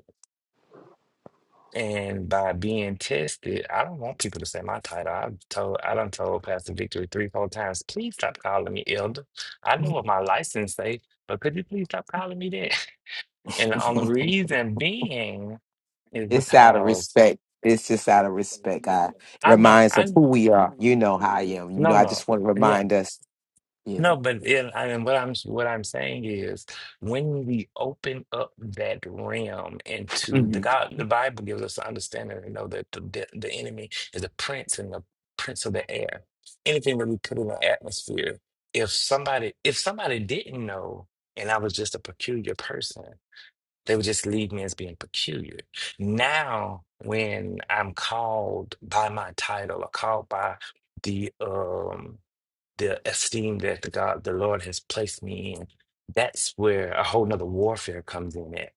Speaker 6: And by being tested, I don't want people to say my title. I've told I done told Pastor Victory three, four times, please stop calling me elder. I know what my license say, but could you please stop calling me that? And the only reason being is
Speaker 1: It's out of
Speaker 6: because
Speaker 1: respect. It's just out of respect, God. It
Speaker 6: I know
Speaker 1: Reminds us
Speaker 6: I
Speaker 1: who we are. You know how I am. You know,
Speaker 6: no
Speaker 1: I
Speaker 6: no.
Speaker 1: just want to
Speaker 6: Yeah,
Speaker 1: remind us, you
Speaker 6: no,
Speaker 1: know.
Speaker 6: but in, I mean, what I'm what I'm saying is when we open up that realm into the
Speaker 1: hmm
Speaker 6: God, the Bible gives us an understanding to know that the de- the enemy is a prince and the prince of the air. Anything that we put in the atmosphere, if somebody if somebody didn't know, and I was just a peculiar person, they would just leave me as being peculiar. Now, when I'm called by my title or called by the um the esteem that the God, the Lord has placed me in. That's where a whole nother warfare comes in at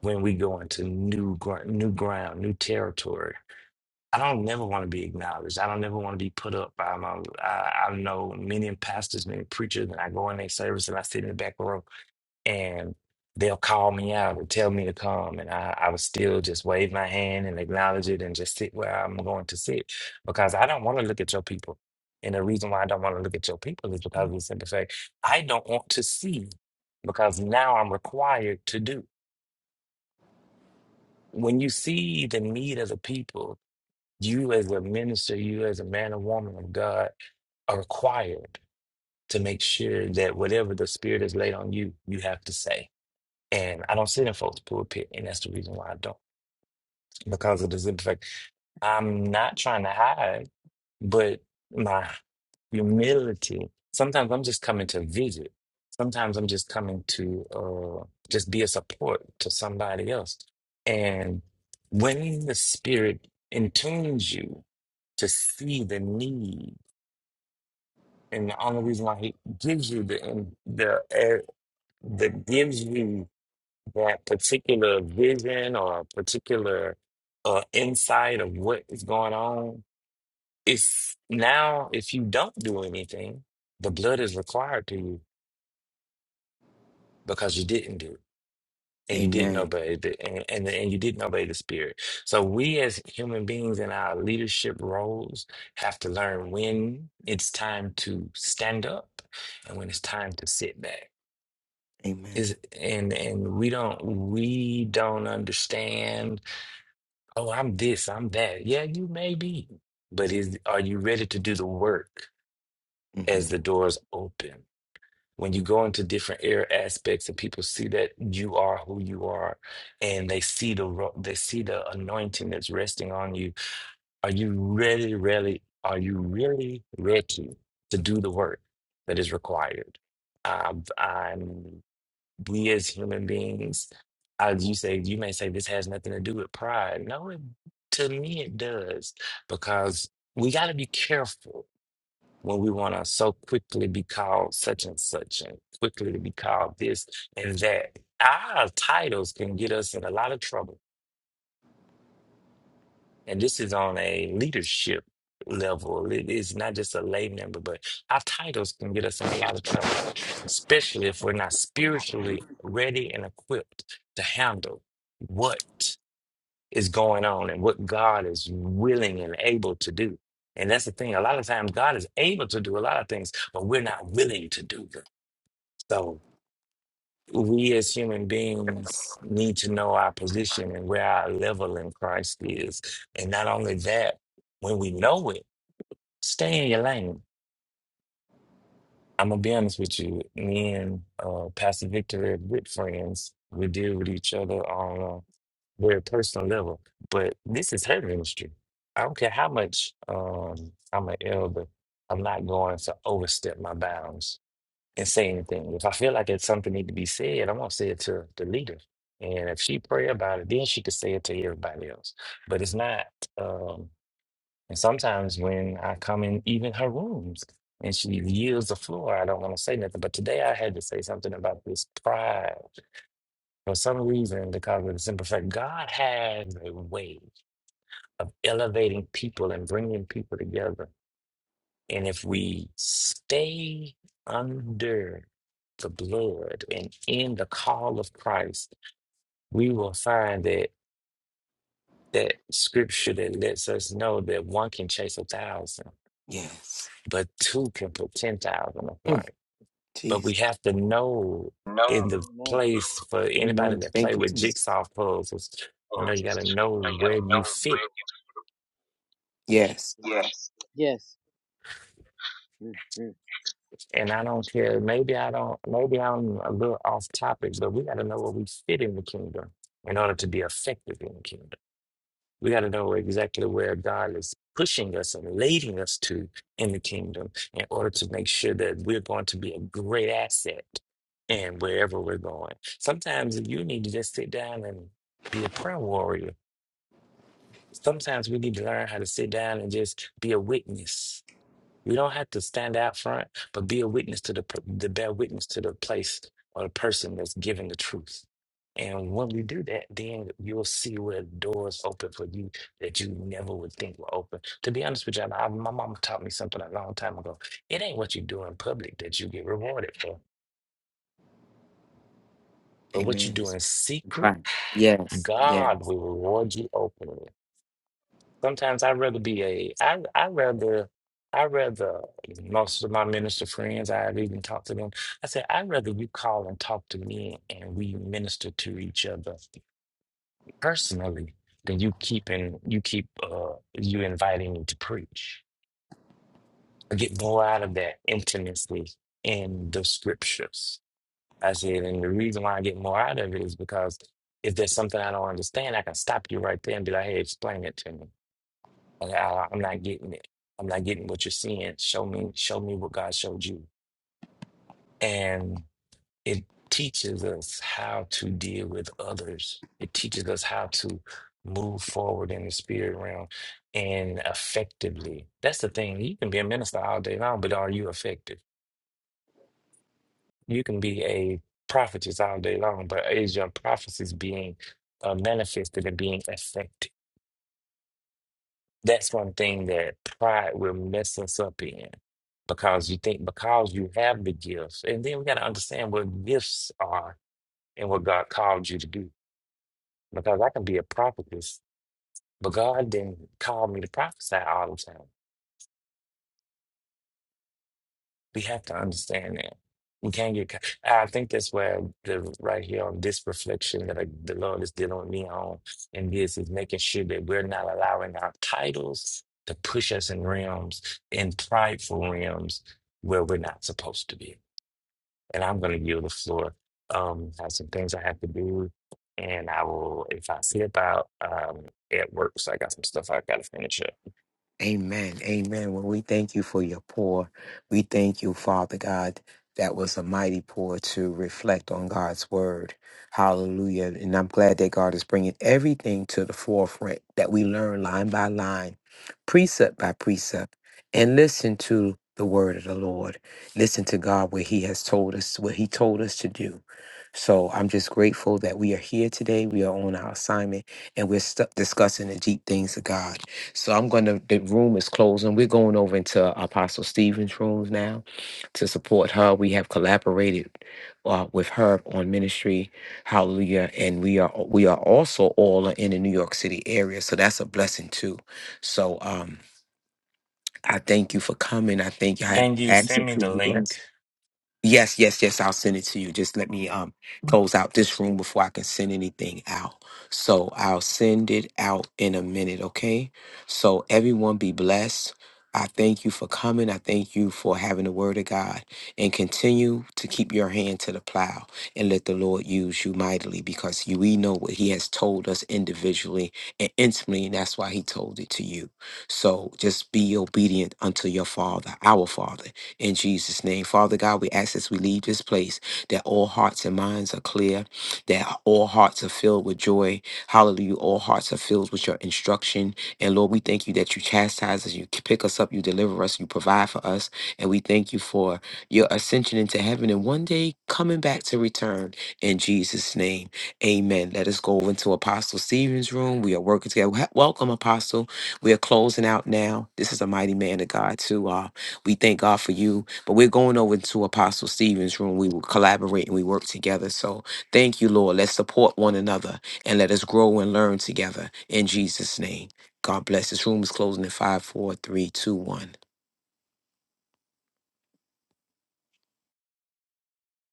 Speaker 6: when we go into new gr new ground, new territory. I don't never want to be acknowledged. I don't never want to be put up by my. I, I know many pastors, many preachers, and I go in their service and I sit in the back row and they'll call me out and tell me to come and I, I would still just wave my hand and acknowledge it and just sit where I'm going to sit because I don't want to look at your people. And the reason why I don't want to look at your people is because of the simple fact I don't want to see because now I'm required to do. When you see the need of the people, you as a minister, you as a man or woman of God are required to make sure that whatever the Spirit has laid on you, you have to say. And I don't sit in folks' pulpit, and that's the reason why I don't, because of the simple fact, I'm not trying to hide, but my humility. Sometimes I'm just coming to visit. Sometimes I'm just coming to uh, just be a support to somebody else. And when the Spirit intunes you to see the need, and the only reason why He gives you the the air, the gives you. that particular vision or particular uh, insight of what is going on. If now, if you don't do anything, the blood is required to you because you didn't do it and you didn't
Speaker 1: Amen.
Speaker 6: obey the and, and and you didn't obey the spirit. So we as human beings in our leadership roles have to learn when it's time to stand up and when it's time to sit back.
Speaker 1: Amen.
Speaker 6: Is and and we don't we don't understand Oh, I'm this, I'm that. Yeah, you may be. But is are you ready to do the work
Speaker 1: hmm
Speaker 6: as the doors open? When you go into different air aspects and people see that you are who you are and they see the ro- they see the anointing that's resting on you, are you really, really, are you really ready to do the work that is required? i I'm we as human beings, as you say, you may say this has nothing to do with pride. No, it, to me it does, because we got to be careful when we want to so quickly be called such and such and quickly to be called this and that. Our titles can get us in a lot of trouble and this is on a leadership level. It is not just a lay member, but our titles can get us in a lot of trouble, especially if we're not spiritually ready and equipped to handle what is going on and what God is willing and able to do. And that's the thing. A lot of times, God is able to do a lot of things, but we're not willing to do them. So we as human beings need to know our position and where our level in Christ is. And not only that, when we know it, stay in your lane. I'm gonna be honest with you. Me and uh, Pastor Victor are good friends. We deal with each other on a very personal level. But this is her ministry. I don't care how much um, I'm an elder. I'm not going to overstep my bounds and say anything. If I feel like it's something need to be said, I'm gonna say it to the leader. And if she pray about it, then she could say it to everybody else. But it's not. Um, and sometimes when I come in, even her rooms, and she yields the floor, I don't want to say nothing. But today I had to say something about this pride. For some reason, because of the simple fact, God has a way of elevating people and bringing people together and if we stay under the blood and in the call of Christ, we will find that that scripture that lets us know that one can chase a thousand,
Speaker 1: Yes.
Speaker 6: but two can put 10,000 of
Speaker 1: Mm,
Speaker 6: flight. But
Speaker 1: Jesus.
Speaker 6: we have to know
Speaker 3: No
Speaker 6: in the place for anybody
Speaker 1: Amen.
Speaker 6: that play
Speaker 1: Thank you,
Speaker 6: with
Speaker 1: Jesus.
Speaker 6: jigsaw puzzles, you know, you got
Speaker 3: Moses,
Speaker 6: to know
Speaker 3: no, you gotta
Speaker 6: where
Speaker 3: know
Speaker 6: you fit
Speaker 3: where
Speaker 1: Yes.
Speaker 3: Yes. Yes. Mm-hmm.
Speaker 6: And I don't care. Maybe I don't. Maybe I'm a little off topics, but we got to know where we fit in the kingdom in order to be effective in the kingdom. We got to know exactly where God is pushing us and leading us to in the kingdom in order to make sure that we're going to be a great asset in wherever we're going. Sometimes you need to just sit down and be a prayer warrior. Sometimes we need to learn how to sit down and just be a witness you don't have to stand out front, but be a witness to the, per- the bear witness to the place or the person that's giving the truth. And when we do that, then you'll see where doors open for you that you never would think were open. To be honest with you, I, my mama taught me something a long time ago. It ain't what you do in public that you get rewarded for, but what you
Speaker 1: Amen.
Speaker 6: do
Speaker 1: It's
Speaker 6: in
Speaker 1: been
Speaker 6: secret,
Speaker 1: prayed. Yes. Yes.
Speaker 6: God will reward you openly. Sometimes I'd rather be a I I rather I rather most of my minister friends I've even talked to them. I said I'd rather you call and talk to me and we minister to each other personally than you keeping you keep uh you inviting me to preach. I get more out of that intimacy in the scriptures. I said, and the reason why I get more out of it is because if there's something I don't understand, I can stop you right there and be like, hey, explain it to me And I, I'm not getting it. I'm not getting what you're seeing. Show me, show me what God showed you. And it teaches us how to deal with others. It teaches us how to move forward in the spirit realm and effectively. That's the thing. You can be a minister all day long, but are you effective? You can be a prophetess all day long, but is your prophecies being uh, manifested and being effective? That's one thing that pride will mess us up in because you think because you have the gifts, and then we got to understand what gifts are and what God called you to do. Because I can be a prophetess, but God didn't call me to prophesy all the time. We have to understand that. We can't get. ca- I think that's where the right here on this reflection that I, the Lord is dealing with me on, and this is making sure that we're not allowing our titles to push us in realms, in prideful realms, where we're not supposed to be. And I'm going to yield the floor. Um, I have some things I have to do, and I will if I see about um at work. So I got some stuff I got to finish up.
Speaker 1: Amen. Amen. Well, we thank you for your pour. We thank you, Father God. That was a mighty pour to reflect on God's word. Hallelujah. And I'm glad that God is bringing everything to the forefront that we learn line by line, precept by precept, and listen to the word of the Lord. Listen to God where He has told us, what He told us to do. So I'm just grateful that we are here today. We are on our assignment and we're stu- discussing the deep things of God. So I'm going to, the room is closing. We're going over into Apostle Stephen's rooms now to support her. We have collaborated uh, with her on ministry. Hallelujah. And we are, we are also all in the New York City area. So that's a blessing too. So, um, I thank you for coming. I thank you. I
Speaker 6: Can you
Speaker 1: ask that
Speaker 6: send me
Speaker 1: you
Speaker 6: the
Speaker 1: be blessed.
Speaker 6: link?
Speaker 1: Yes, yes, yes. I'll send it to you. Just let me um close out this room before I can send anything out. So I'll send it out in a minute, okay? So everyone be blessed. I thank you for coming. I thank you for having the word of God and continue to keep your hand to the plow and let the Lord use you mightily because you, we know what he has told us individually and intimately, and that's why he told it to you. So just be obedient unto your father, our father in Jesus' name, Father God, we ask as we leave this place that all hearts and minds are clear, that all hearts are filled with joy. Hallelujah. All hearts are filled with your instruction. And Lord, we thank you that you chastise us, you pick us up, you deliver us, you provide for us. And we thank you for your ascension into heaven and one day coming back to return in Jesus' name. Amen. Let us go over into Apostle Stephen's room. We are working together. Wel- Welcome, Apostle. We are closing out now. This is a mighty man of God, too. uh, we thank God for you. But we're going over to Apostle Stephen's room. We will collaborate and we work together. So thank you, Lord. Let's support one another and let us grow and learn together in Jesus' name. God bless. This room is closing in five, four, three, two, one.